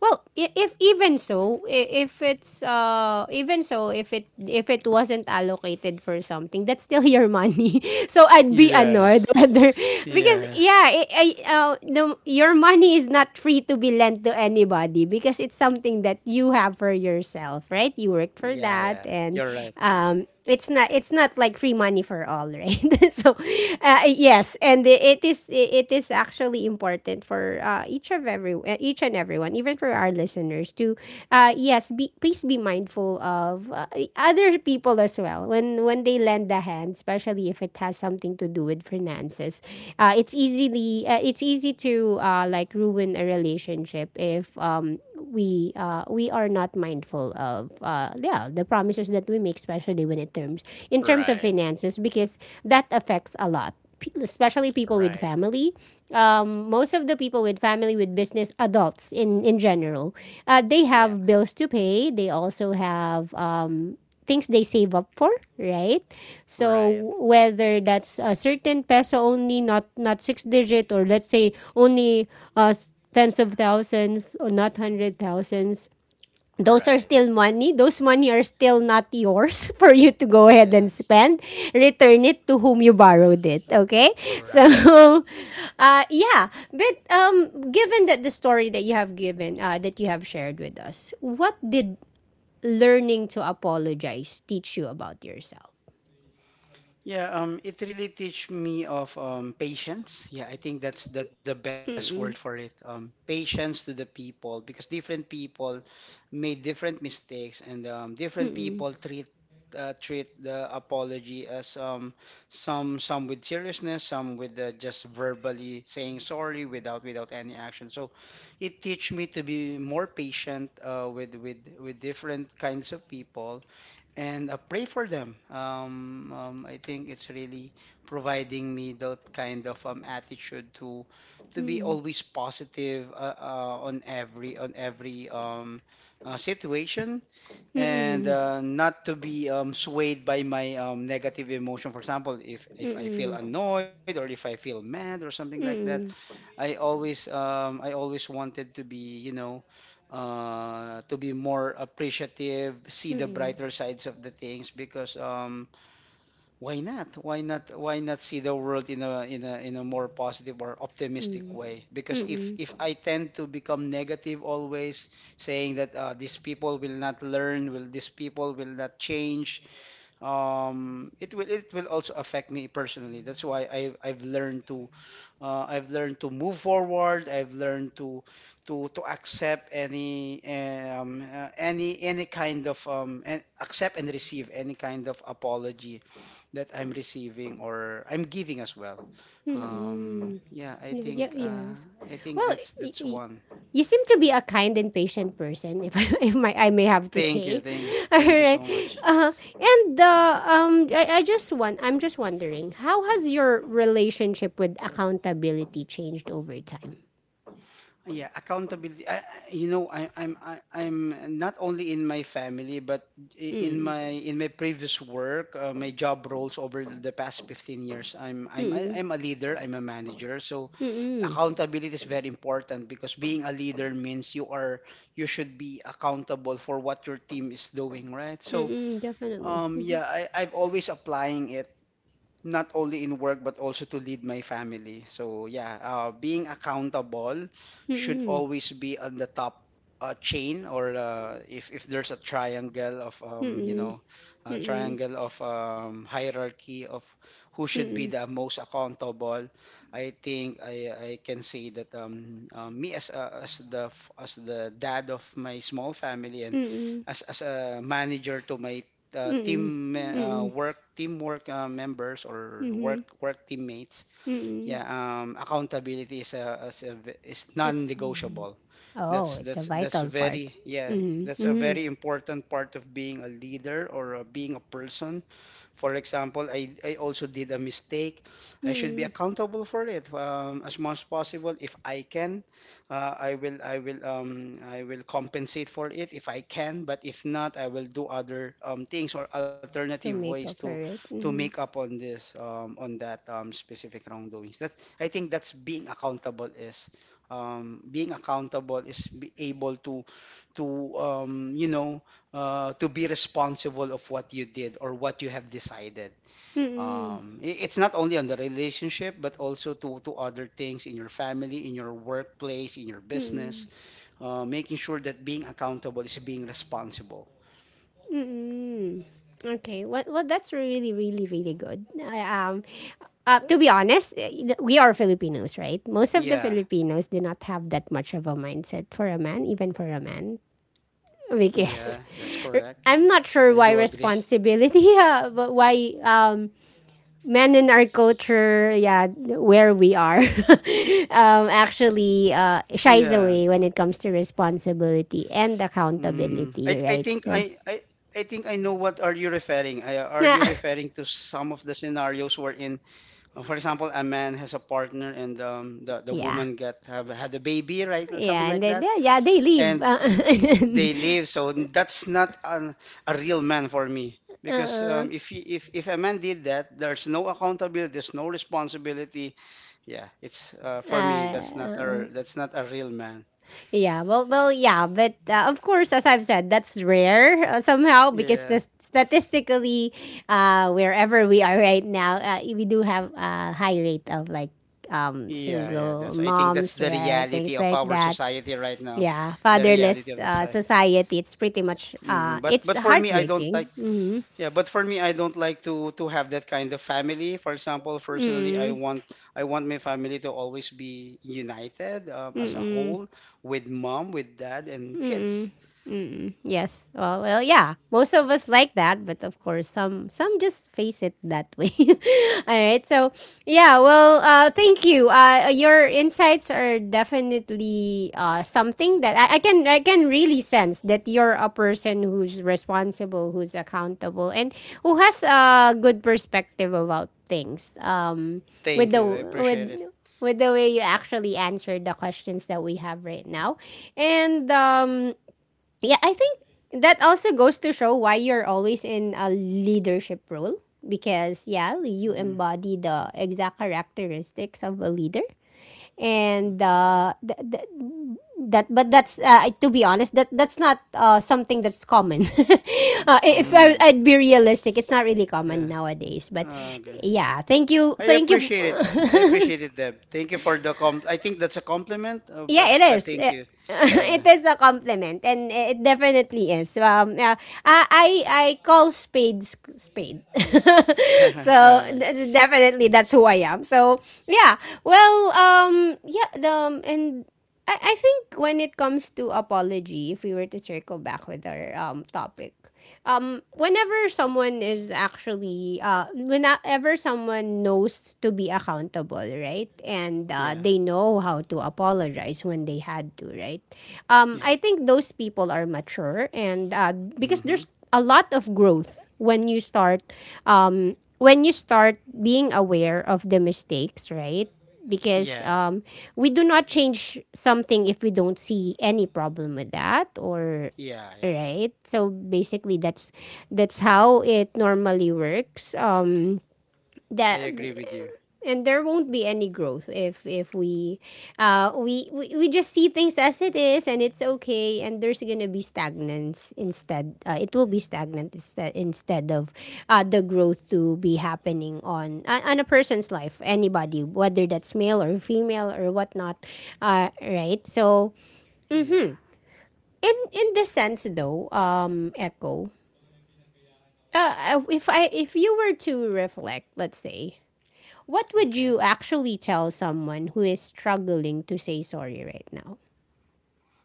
Speaker 1: Well, if even so, if it's, even so, if it, if it wasn't allocated for something, that's still your money. So I'd be annoyed
Speaker 2: Yes.
Speaker 1: rather, because
Speaker 2: Yeah.
Speaker 1: yeah, your money is not free to be lent to anybody because it's something that you have for yourself, right? You worked for
Speaker 2: Yeah, yeah.
Speaker 1: that, and,
Speaker 2: You're right.
Speaker 1: it's not like free money for all, right? So, yes, and it is actually important for, each of every, each and everyone, even for our listeners, to, yes, be, please be mindful of, other people as well when they lend a hand, especially if it has some something to do with finances. It's easily, it's easy to, like, ruin a relationship if, we are not mindful of, yeah, the promises that we make, especially when it terms, in terms of
Speaker 2: Right.
Speaker 1: finances, because that affects a lot. Especially people with
Speaker 2: Right.
Speaker 1: family, most of the people with family with business, adults in general, they
Speaker 2: Yeah.
Speaker 1: have bills to pay. They also have, things they save up for, right? So
Speaker 2: Right.
Speaker 1: whether that's a certain peso only, not six digit, or let's say only, uh, tens of thousands or not hundred thousands. Those are
Speaker 2: Right.
Speaker 1: still money. Those money are still not yours, for you to go ahead and
Speaker 2: Yeah.
Speaker 1: spend. Return it to whom you borrowed it. Okay, so,
Speaker 2: Right. Right.
Speaker 1: yeah. But, given that the story that you have given, that you have shared with us, what did learning to apologize teach you about yourself?
Speaker 2: Yeah, it really teach me of patience. Yeah, I think that's the best word for it.
Speaker 1: Mm-mm.
Speaker 2: Patience to the people, because different people made different mistakes, and different people
Speaker 1: Mm-mm.
Speaker 2: treat, treat the apology as, some, with seriousness, some with, just verbally saying sorry, without any action. So it teach me to be more patient, with different kinds of people, and pray for them. I think it's really providing me that kind of attitude to be
Speaker 1: Mm-mm.
Speaker 2: always positive, on every, situation, and
Speaker 1: Mm-mm.
Speaker 2: not to be swayed by my negative emotion. For example, if I feel
Speaker 1: Mm-mm.
Speaker 2: annoyed, or if I feel mad, or something like that,
Speaker 1: Mm-mm.
Speaker 2: I always wanted to be, you know, to be more appreciative, see the
Speaker 1: Mm-mm.
Speaker 2: brighter sides of the things, because why not? Why not? Why not see the world in a, more positive or optimistic
Speaker 1: Mm-mm.
Speaker 2: way? Because if
Speaker 1: Mm-mm.
Speaker 2: I tend to become negative always, saying that, these people will not learn, will these people will not change, it will also affect me personally. That's why I've learned to, I've learned to move forward. I've learned to accept any kind of and accept and receive any kind of apology that I'm receiving, or I'm giving as well.
Speaker 1: Mm-mm.
Speaker 2: Yeah, I
Speaker 1: Yeah, yeah,
Speaker 2: think,
Speaker 1: yes.
Speaker 2: I think
Speaker 1: Well, y-
Speaker 2: that's
Speaker 1: y-
Speaker 2: one.
Speaker 1: you seem to be a kind and patient person, if I, if my I may have to say. All
Speaker 2: Thank you so
Speaker 1: right.
Speaker 2: much.
Speaker 1: Uh, and I'm just wondering, how has your relationship with accountability changed over time?
Speaker 2: Yeah, accountability. You know, I'm not only in my family, but
Speaker 1: Mm.
Speaker 2: in my previous work, my job roles over the past 15 years.
Speaker 1: Mm.
Speaker 2: I'm a leader, I'm a manager. So
Speaker 1: Mm.
Speaker 2: accountability is very important, because being a leader means you should be accountable for what your team is doing, right? So
Speaker 1: Mm-mm, definitely.
Speaker 2: yeah, I've always applying it, not only in work but also to lead my family. So yeah, being accountable should
Speaker 1: Mhm.
Speaker 2: always be on the top chain, or if there's a triangle of, you
Speaker 1: Mm-mm.
Speaker 2: know, a
Speaker 1: Mm-mm.
Speaker 2: triangle of, hierarchy of who should be
Speaker 1: Mm-mm.
Speaker 2: the most accountable. I think I can say that me as a, as the dad of my small family and
Speaker 1: Mm-mm.
Speaker 2: as a manager to my
Speaker 1: Mm-mm. Mm-mm.
Speaker 2: team
Speaker 1: Mm-mm.
Speaker 2: work teamwork members or
Speaker 1: Mhm.
Speaker 2: work teammates.
Speaker 1: Mm-mm.
Speaker 2: Yeah Accountability is, a v is
Speaker 1: It's mm.
Speaker 2: non-negotiable.
Speaker 1: Oh,
Speaker 2: that's
Speaker 1: it's a
Speaker 2: that's that's
Speaker 1: vital part.
Speaker 2: very yeah
Speaker 1: Mm-hmm.
Speaker 2: that's a
Speaker 1: Mm-hmm.
Speaker 2: very important part of being a leader or being a person. For example, I also did a mistake. I should be
Speaker 1: Mm-mm.
Speaker 2: accountable for it, as much as possible. If I can, I will compensate for it if I can. But if not, I will do other things or alternative
Speaker 1: To
Speaker 2: ways
Speaker 1: make
Speaker 2: to
Speaker 1: up for it.
Speaker 2: to make
Speaker 1: Mm-hmm.
Speaker 2: up on this um, on that specific wrongdoings. That's I think that's being accountable is Being accountable is be able to to um, you know to be responsible of what you did or what you have decided.
Speaker 1: Mm-mm.
Speaker 2: It's not only on the relationship, but also to other things in your family, in your workplace, in your
Speaker 1: Mm-mm.
Speaker 2: business. Making sure that being accountable is being responsible.
Speaker 1: Mm-mm. Okay. Well, well, that's really, really, really good. I, to be honest, we are Filipinos, right? Most of the
Speaker 2: Yeah,
Speaker 1: Filipinos do not have that much of a mindset for a man, even for a man.
Speaker 2: yeah,
Speaker 1: Because
Speaker 2: that's correct.
Speaker 1: I'm not
Speaker 2: I do
Speaker 1: sure why
Speaker 2: agree.
Speaker 1: responsibility, but why, men in our culture, yeah, where we are,
Speaker 2: Yeah.
Speaker 1: actually, shies away when it comes to responsibility
Speaker 2: Mm,
Speaker 1: and
Speaker 2: I, I think I, I
Speaker 1: accountability, right?
Speaker 2: I
Speaker 1: So,
Speaker 2: think I know what are you referring. Are you referring to
Speaker 1: yeah,
Speaker 2: some of the scenarios wherein uh, for example, a man has a partner and, the woman
Speaker 1: yeah,
Speaker 2: get have had a baby, right? Something like
Speaker 1: and
Speaker 2: that,
Speaker 1: then yeah, yeah, they
Speaker 2: and
Speaker 1: leave.
Speaker 2: they leave. So that's not an, a real man for me, because
Speaker 1: Uh,
Speaker 2: if a man did that, there's no accountability, there's no responsibility. Yeah, it's
Speaker 1: uh, uh,
Speaker 2: for me that's
Speaker 1: uh,
Speaker 2: not
Speaker 1: uh,
Speaker 2: a that's not a real man.
Speaker 1: Yeah, well, well, yeah, but, of course, as I've said, that's rare, somehow because
Speaker 2: Yeah,
Speaker 1: the, statistically, wherever we are right now, we do have a high rate of like,
Speaker 2: yeah, yeah.
Speaker 1: single
Speaker 2: That's I think that's
Speaker 1: moms,
Speaker 2: the
Speaker 1: right?
Speaker 2: reality
Speaker 1: Things
Speaker 2: of
Speaker 1: like
Speaker 2: our
Speaker 1: that.
Speaker 2: society right now,
Speaker 1: Yeah,
Speaker 2: the reality
Speaker 1: fatherless,
Speaker 2: of the society.
Speaker 1: society. It's pretty much,
Speaker 2: Mm, but
Speaker 1: it's
Speaker 2: but for me, I don't like.
Speaker 1: heartbreaking. Mm-hmm.
Speaker 2: Yeah, but for me, I don't like to have that kind of family. For example, personally,
Speaker 1: Mm-hmm.
Speaker 2: I want my family to always be united, as a
Speaker 1: Mm-hmm.
Speaker 2: whole, with mom, with dad, and kids.
Speaker 1: Mm-mm. Mm-mm. Yes. Well, well, yeah. Most of us like that, but of course, some just face it that way. All right. Thank you. Your insights are definitely something that I can really sense that you're a person who's responsible, who's accountable, and who has a good perspective about things.
Speaker 2: Thank
Speaker 1: With the
Speaker 2: you. I
Speaker 1: with
Speaker 2: appreciate it.
Speaker 1: with the way you actually answered the questions that we have right now. And yeah, I think that also goes to show why you're always in a leadership role because yeah, you
Speaker 2: Mm.
Speaker 1: embody the exact characteristics of a leader. And uh th- th- that but that's to be honest that's not something that's common if I,
Speaker 2: Um,
Speaker 1: i'd be realistic, it's not really common
Speaker 2: yeah.
Speaker 1: nowadays, but
Speaker 2: Okay.
Speaker 1: yeah thank you
Speaker 2: I
Speaker 1: thank you
Speaker 2: appreciate it. I appreciate it, Deb. Thank you for the comp. I think that's a compliment,
Speaker 1: Yeah, it
Speaker 2: but
Speaker 1: is.
Speaker 2: thank you. Yeah.
Speaker 1: It is a compliment, and it definitely is. Yeah, I call spades. Spade,
Speaker 2: Yeah. All
Speaker 1: so
Speaker 2: right.
Speaker 1: that's definitely that's who I am. So yeah, well, yeah, the and I think when it comes to apology, if we were to circle back with our topic, whenever someone is actually whenever someone knows to be accountable, right? And
Speaker 2: Yeah.
Speaker 1: they know how to apologize when they had to, right? I
Speaker 2: Yeah.
Speaker 1: think those people are mature, and because there's
Speaker 2: Mm-hmm.
Speaker 1: a lot of growth when you start being aware of the mistakes, right? because
Speaker 2: Yeah.
Speaker 1: we do not change something if we don't see any problem with that, or
Speaker 2: Yeah. Yeah.
Speaker 1: right, so basically that's how it normally works.
Speaker 2: I
Speaker 1: That
Speaker 2: agree with you.
Speaker 1: And there won't be any growth if we just see things as it is and it's okay, and there's gonna be stagnance instead. It will be stagnant instead, instead of the growth to be happening on a person's life, anybody, whether that's male or female or whatnot. Right, so
Speaker 2: Yeah.
Speaker 1: in the sense though, Echo, if you were to reflect, let's say, what would
Speaker 2: Okay.
Speaker 1: you actually tell someone who is struggling to say sorry right now?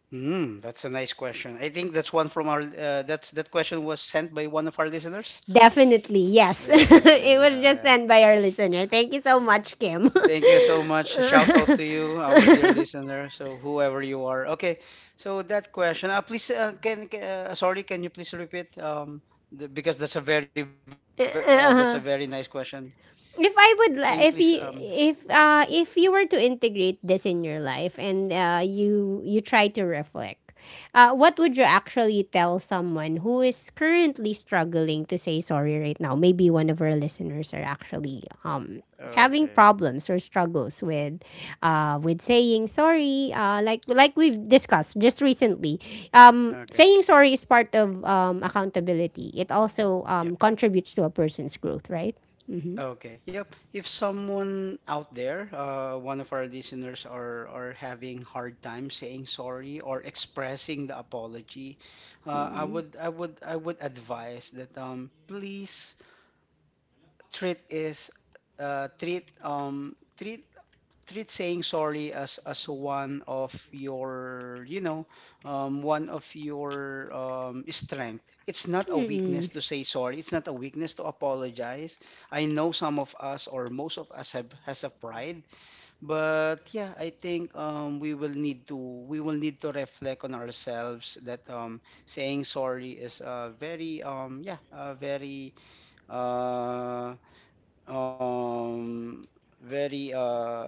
Speaker 2: Mm, that's a nice question. I think that's one from our that's that question was sent by one of our listeners.
Speaker 1: Definitely, yes.
Speaker 2: Definitely.
Speaker 1: It was
Speaker 2: Yeah,
Speaker 1: just
Speaker 2: yeah.
Speaker 1: sent by our listener. Thank you so much, Kim.
Speaker 2: Thank you so much. Shout out to you, our dear listener. So whoever you are. Okay. So that question. Please can Sorry, can you please repeat the, because that's that's a very nice question. Can
Speaker 1: if
Speaker 2: you
Speaker 1: I
Speaker 2: please
Speaker 1: would li- if you if If you were to integrate this in your life and you try to reflect, what would you actually tell someone who is currently struggling to say sorry right now? Maybe one of our listeners are actually having
Speaker 2: okay.
Speaker 1: problems or struggles with saying sorry, like we've discussed just recently.
Speaker 2: Okay.
Speaker 1: Saying sorry is part of accountability. It also
Speaker 2: Yep, yep.
Speaker 1: contributes to a person's growth, right?
Speaker 2: Okay. Yep. If someone out there, one of our listeners, are having hard time saying sorry or expressing the apology, I would advise that, um, please treat is treat treat treat saying sorry as one of your, you know, one of your, strength. It's not a
Speaker 1: Mm-mm.
Speaker 2: weakness to say sorry. It's not a weakness to apologize. I know some of us or most of us have has a pride, but yeah, I think, we will need to reflect on ourselves that, saying sorry is a very yeah, a uh, um, very uh,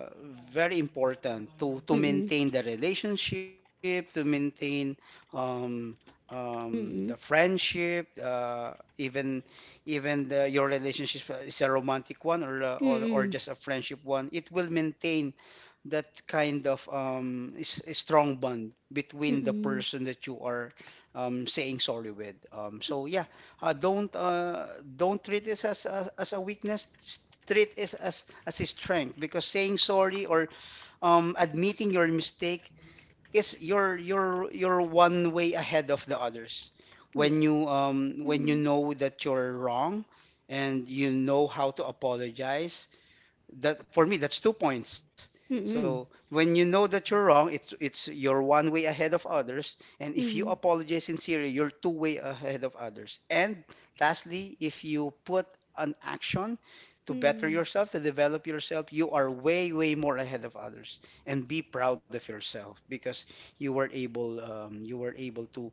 Speaker 2: very important to
Speaker 1: Mm-mm.
Speaker 2: maintain the relationship, to maintain, um, the
Speaker 1: Mm-mm.
Speaker 2: friendship, even even the, your relationship is a romantic one or
Speaker 1: Mm-mm.
Speaker 2: just a friendship one. It will maintain that kind of is a strong bond between the
Speaker 1: Mm-mm.
Speaker 2: person that you are, saying sorry with, so yeah, uh, don't uh don't treat this as a weakness, treat it as a strength, because saying sorry or, admitting your mistake is your one way ahead of the others. When
Speaker 1: Yes.
Speaker 2: you, when you
Speaker 1: Mm-mm.
Speaker 2: know that you're wrong and you know how to apologize, that for me, that's 2 points.
Speaker 1: Mm-mm.
Speaker 2: So when you know that you're wrong, it's you're one way ahead of others, and if you
Speaker 1: Mm-mm.
Speaker 2: apologize sincerely, you're two-way ahead of others. And lastly, if you put an action to better
Speaker 1: Mm-mm.
Speaker 2: yourself, to develop yourself, you are way way more ahead of others, and be proud of yourself because you were able, you were able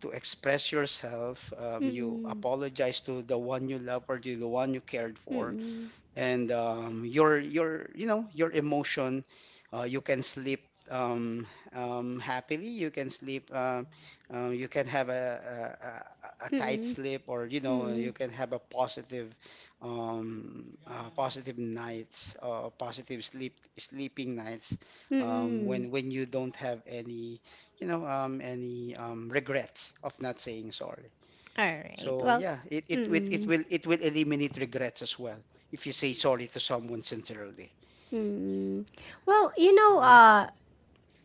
Speaker 2: to express yourself, you
Speaker 1: Mm-mm.
Speaker 2: apologize to the one you love or to the one you cared for.
Speaker 1: Mm-mm.
Speaker 2: And, your, you know, your emotion, you can sleep, um, happily. You can sleep, you can have a a tight
Speaker 1: Mm-mm.
Speaker 2: sleep, or you know, you
Speaker 1: Mm-mm.
Speaker 2: can have a positive, positive nights, positive sleep sleeping nights,
Speaker 1: Mm-mm.
Speaker 2: when you don't have any, you know, any, regrets of not saying sorry.
Speaker 1: All right.
Speaker 2: So
Speaker 1: Well,
Speaker 2: yeah,
Speaker 1: mm-mm.
Speaker 2: it will eliminate regrets as well if you say sorry to someone sincerely.
Speaker 1: Mm-mm. Well, you know,
Speaker 2: Uh,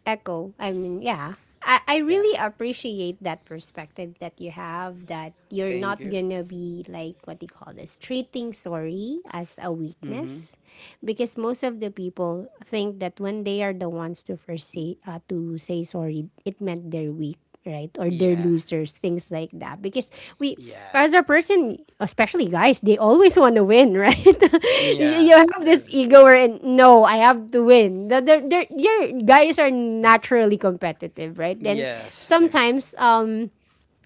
Speaker 1: Echo, I mean, yeah. I
Speaker 2: yeah,
Speaker 1: really appreciate that perspective that you have, that you're
Speaker 2: thank
Speaker 1: not
Speaker 2: you.
Speaker 1: gonna be like, what do you call this, treating sorry as a
Speaker 2: Mm-hmm.
Speaker 1: weakness, because most of the people think that when they are the ones to first say to say sorry, it meant they're weak, right? Or they're
Speaker 2: Yeah,
Speaker 1: losers, things like that. Because we,
Speaker 2: yeah,
Speaker 1: as a person, especially guys, they always want to win, right?
Speaker 2: yeah.
Speaker 1: You have
Speaker 2: that-
Speaker 1: this ego where, no, I have to win. Your guys are naturally competitive, right? Then
Speaker 2: yes,
Speaker 1: sometimes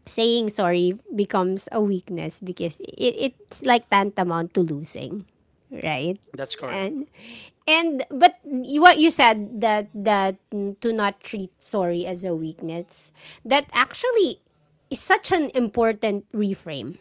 Speaker 1: saying sorry becomes a weakness because it's like tantamount to losing, right?
Speaker 2: that's correct.
Speaker 1: And what you said, that to not treat sorry as a weakness, that actually is such an important reframe,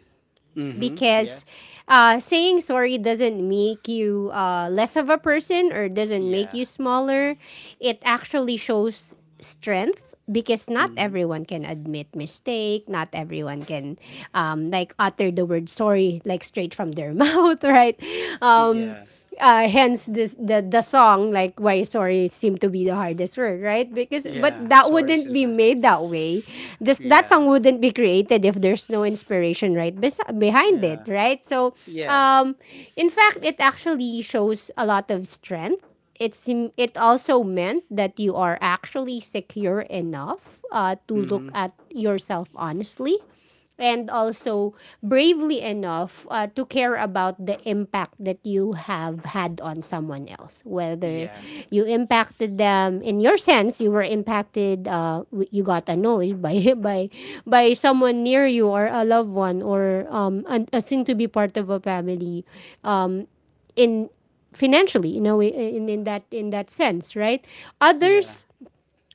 Speaker 2: Mm-hmm. Yeah,
Speaker 1: because saying sorry doesn't make you less of a person or doesn't make
Speaker 2: yeah.
Speaker 1: you smaller. It actually shows strength, because not
Speaker 2: Mm-hmm.
Speaker 1: everyone can admit mistake. Not everyone can like utter the word sorry like straight from their mouth, right? Um,
Speaker 2: Yeah,
Speaker 1: Hence this, the song like, why sorry seemed to be the hardest word, right? Because, but
Speaker 2: yeah.
Speaker 1: that
Speaker 2: Sorry,
Speaker 1: wouldn't be
Speaker 2: sincere.
Speaker 1: made that way. This That
Speaker 2: Yeah,
Speaker 1: song wouldn't be created if there's no inspiration right behind it,
Speaker 2: yeah,
Speaker 1: right? So
Speaker 2: yeah.
Speaker 1: um in fact, it actually shows a lot of strength. it's it also meant that you are actually secure enough to
Speaker 2: Mm-hmm.
Speaker 1: look at yourself honestly, and also bravely enough to care about the impact that you have had on someone else. Whether
Speaker 2: Yeah,
Speaker 1: you impacted them, in your sense, you were impacted. You got annoyed by by someone near you, or a loved one, or a soon to be part of a family in financially, you know, in that, in that sense, right?
Speaker 2: yeah,
Speaker 1: Others.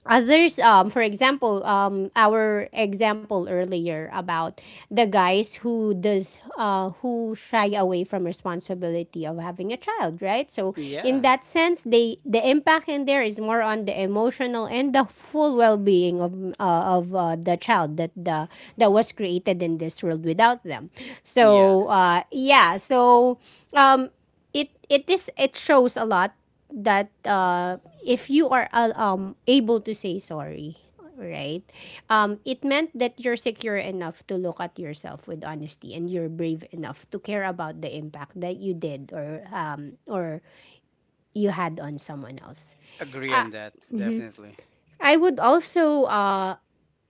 Speaker 1: Others, for example, our example earlier about the guys who does who shy away from responsibility of having a child, right? So in
Speaker 2: yeah,
Speaker 1: that sense, the impact in there is more on the emotional and the full well being of the child that the that was created in this world without them.
Speaker 2: yeah.
Speaker 1: So um, it it is it shows a lot that if you are able to say sorry, right, it meant that you're secure enough to look at yourself with honesty, and you're brave enough to care about the impact that you did, or you had on someone else.
Speaker 2: Agree
Speaker 1: uh,
Speaker 2: on that, definitely.
Speaker 1: I would also uh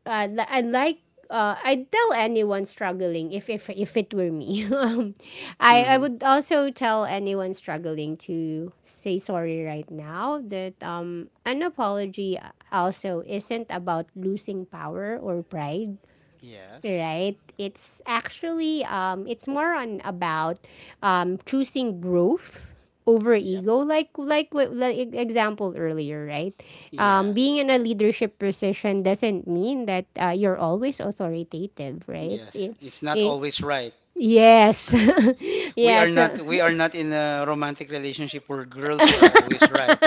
Speaker 1: uh, li- I like, I'd tell anyone struggling, if it were me, I
Speaker 2: Mm-hmm.
Speaker 1: would also tell anyone struggling to say sorry right now that an apology also isn't about losing power or pride,
Speaker 2: Yes.
Speaker 1: right? It's actually it's more on about choosing growth over
Speaker 2: Yep.
Speaker 1: ego, like example earlier, right?
Speaker 2: Yeah.
Speaker 1: Being in a leadership position doesn't mean that you're always authoritative, right?
Speaker 2: Yes, it's not
Speaker 1: It,
Speaker 2: always right.
Speaker 1: yes.
Speaker 2: Uh,
Speaker 1: Yes.
Speaker 2: we are not in a romantic relationship where girls are always right.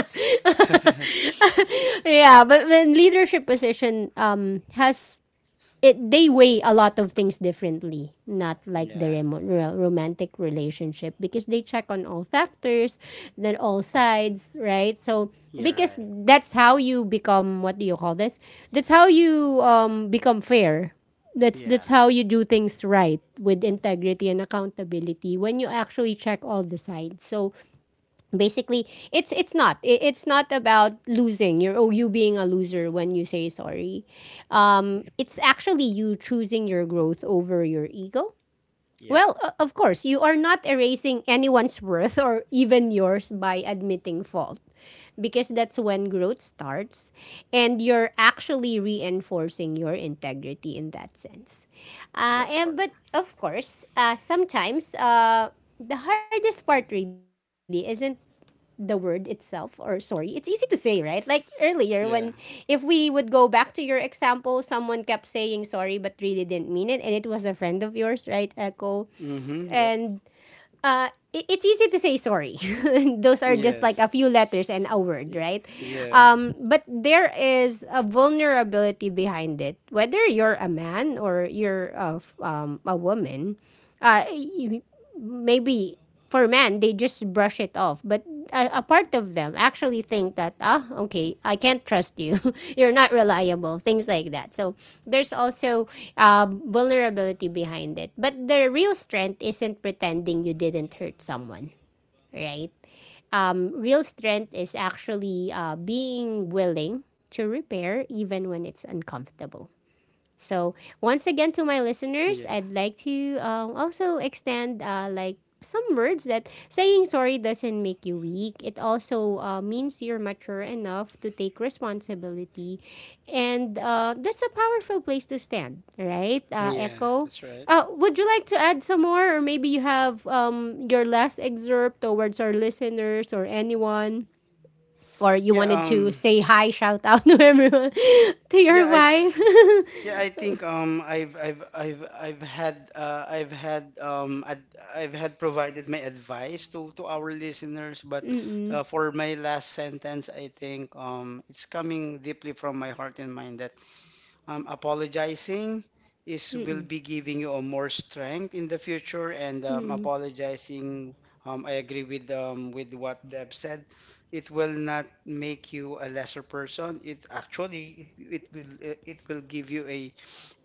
Speaker 1: Yeah, but when leadership position has it, they weigh a lot of things differently, not like the
Speaker 2: Yeah,
Speaker 1: romantic relationship, because they check on all factors, then all sides, right? So
Speaker 2: you're
Speaker 1: because
Speaker 2: right.
Speaker 1: that's how you become, what do you call this, that's how you become fair. That's
Speaker 2: Yeah.
Speaker 1: how you do things right, with integrity and accountability, when you actually check all the sides. So basically, it's not about losing your, or you being a loser when you say sorry. It's actually you choosing your growth over your ego.
Speaker 2: Yep.
Speaker 1: Well, of course you are not erasing anyone's worth or even yours by admitting fault, because that's when growth starts, and you're actually reinforcing your integrity in that sense. uh,
Speaker 2: That's
Speaker 1: and
Speaker 2: correct.
Speaker 1: but of course, sometimes the hardest part really isn't the word itself, or sorry, it's easy to say, right? Like earlier, when,
Speaker 2: Yeah.
Speaker 1: if we would go back to your example, someone kept saying sorry but really didn't mean it, and it was a friend of yours, right, Echo?
Speaker 2: Mm-hmm. Yep.
Speaker 1: and it's easy to say sorry. Those are just like
Speaker 2: Yes.
Speaker 1: a few letters and a word, right?
Speaker 2: Yeah.
Speaker 1: But there is a vulnerability behind it, whether you're a man or you're a woman. uh, Maybe for men they just brush it off, but a part of them actually think that, ah, okay, I can't trust you, you're not reliable, things like that. So there's also vulnerability behind it, but the real strength isn't pretending you didn't hurt someone, right? Real strength is actually being willing to repair even when it's uncomfortable. So once
Speaker 2: Yeah.
Speaker 1: again, to my listeners, I'd like to also extend like some words, that saying sorry doesn't make you weak. It also means you're mature enough to take responsibility, and that's a powerful place to stand, right?
Speaker 2: Yeah.
Speaker 1: Echo,
Speaker 2: That's right.
Speaker 1: would you like to add some more, or maybe you have your last excerpt towards our listeners or anyone? Or you
Speaker 2: Yeah.
Speaker 1: wanted to say hi, shout out to everyone, to your
Speaker 2: Yeah. I,
Speaker 1: wife.
Speaker 2: yeah, I think, um, I've had ad- I've had provided my advice to our listeners, but
Speaker 1: Mm-mm.
Speaker 2: for my last sentence, I think, um, it's coming deeply from my heart and mind that, um, apologizing is will
Speaker 1: Mm,
Speaker 2: be giving you a more strength in the future, and,
Speaker 1: mm.
Speaker 2: apologizing, I agree with, with what Deb said. It will not make you a lesser person. It actually it, it will give you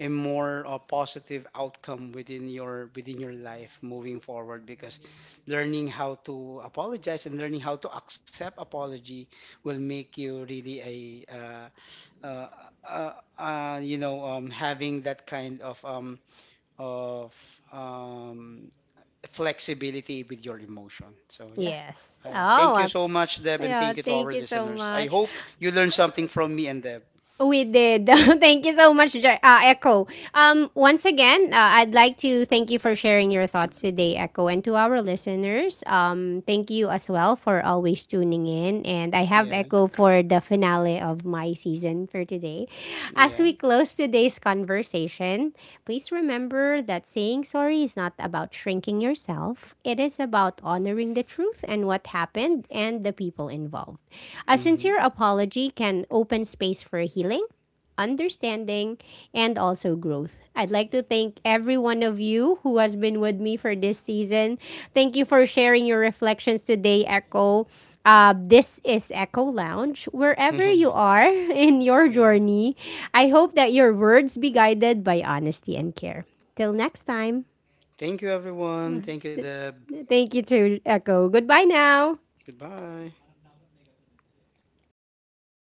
Speaker 2: a more, positive outcome within your life moving forward, because learning how to apologize and learning how to accept apology will make you really a, uh, uh, you know, having that kind of, of um, flexibility with your emotion. So yeah,
Speaker 1: Yes.
Speaker 2: I,
Speaker 1: Oh,
Speaker 2: thank you
Speaker 1: well,
Speaker 2: so much, Deb, and
Speaker 1: yeah,
Speaker 2: thank you to our
Speaker 1: thank you so
Speaker 2: listeners. I
Speaker 1: much.
Speaker 2: hope you learned something from me and Deb.
Speaker 1: We did. Thank you so much, Echo. Once again, I'd like to thank you for sharing your thoughts today, Echo, and to our listeners. Thank you as well for always tuning in. And I have
Speaker 2: Yeah.
Speaker 1: Echo for the finale of my season for today.
Speaker 2: Yeah.
Speaker 1: As we close today's conversation, please remember that saying sorry is not about shrinking yourself, it is about honoring the truth and what happened and the people involved. A
Speaker 2: Hmm.
Speaker 1: sincere apology can open space for healing, understanding, and also growth. I'd like to thank every one of you who has been with me for this season. Thank you for sharing your reflections today, Echo. This is Echo Lounge. Wherever you are in your
Speaker 2: Yeah.
Speaker 1: journey, I hope that your words be guided by honesty and care. Till next time,
Speaker 2: Thank you, everyone. Thank you, Deb.
Speaker 1: thank you to Echo. Goodbye now.
Speaker 2: Goodbye.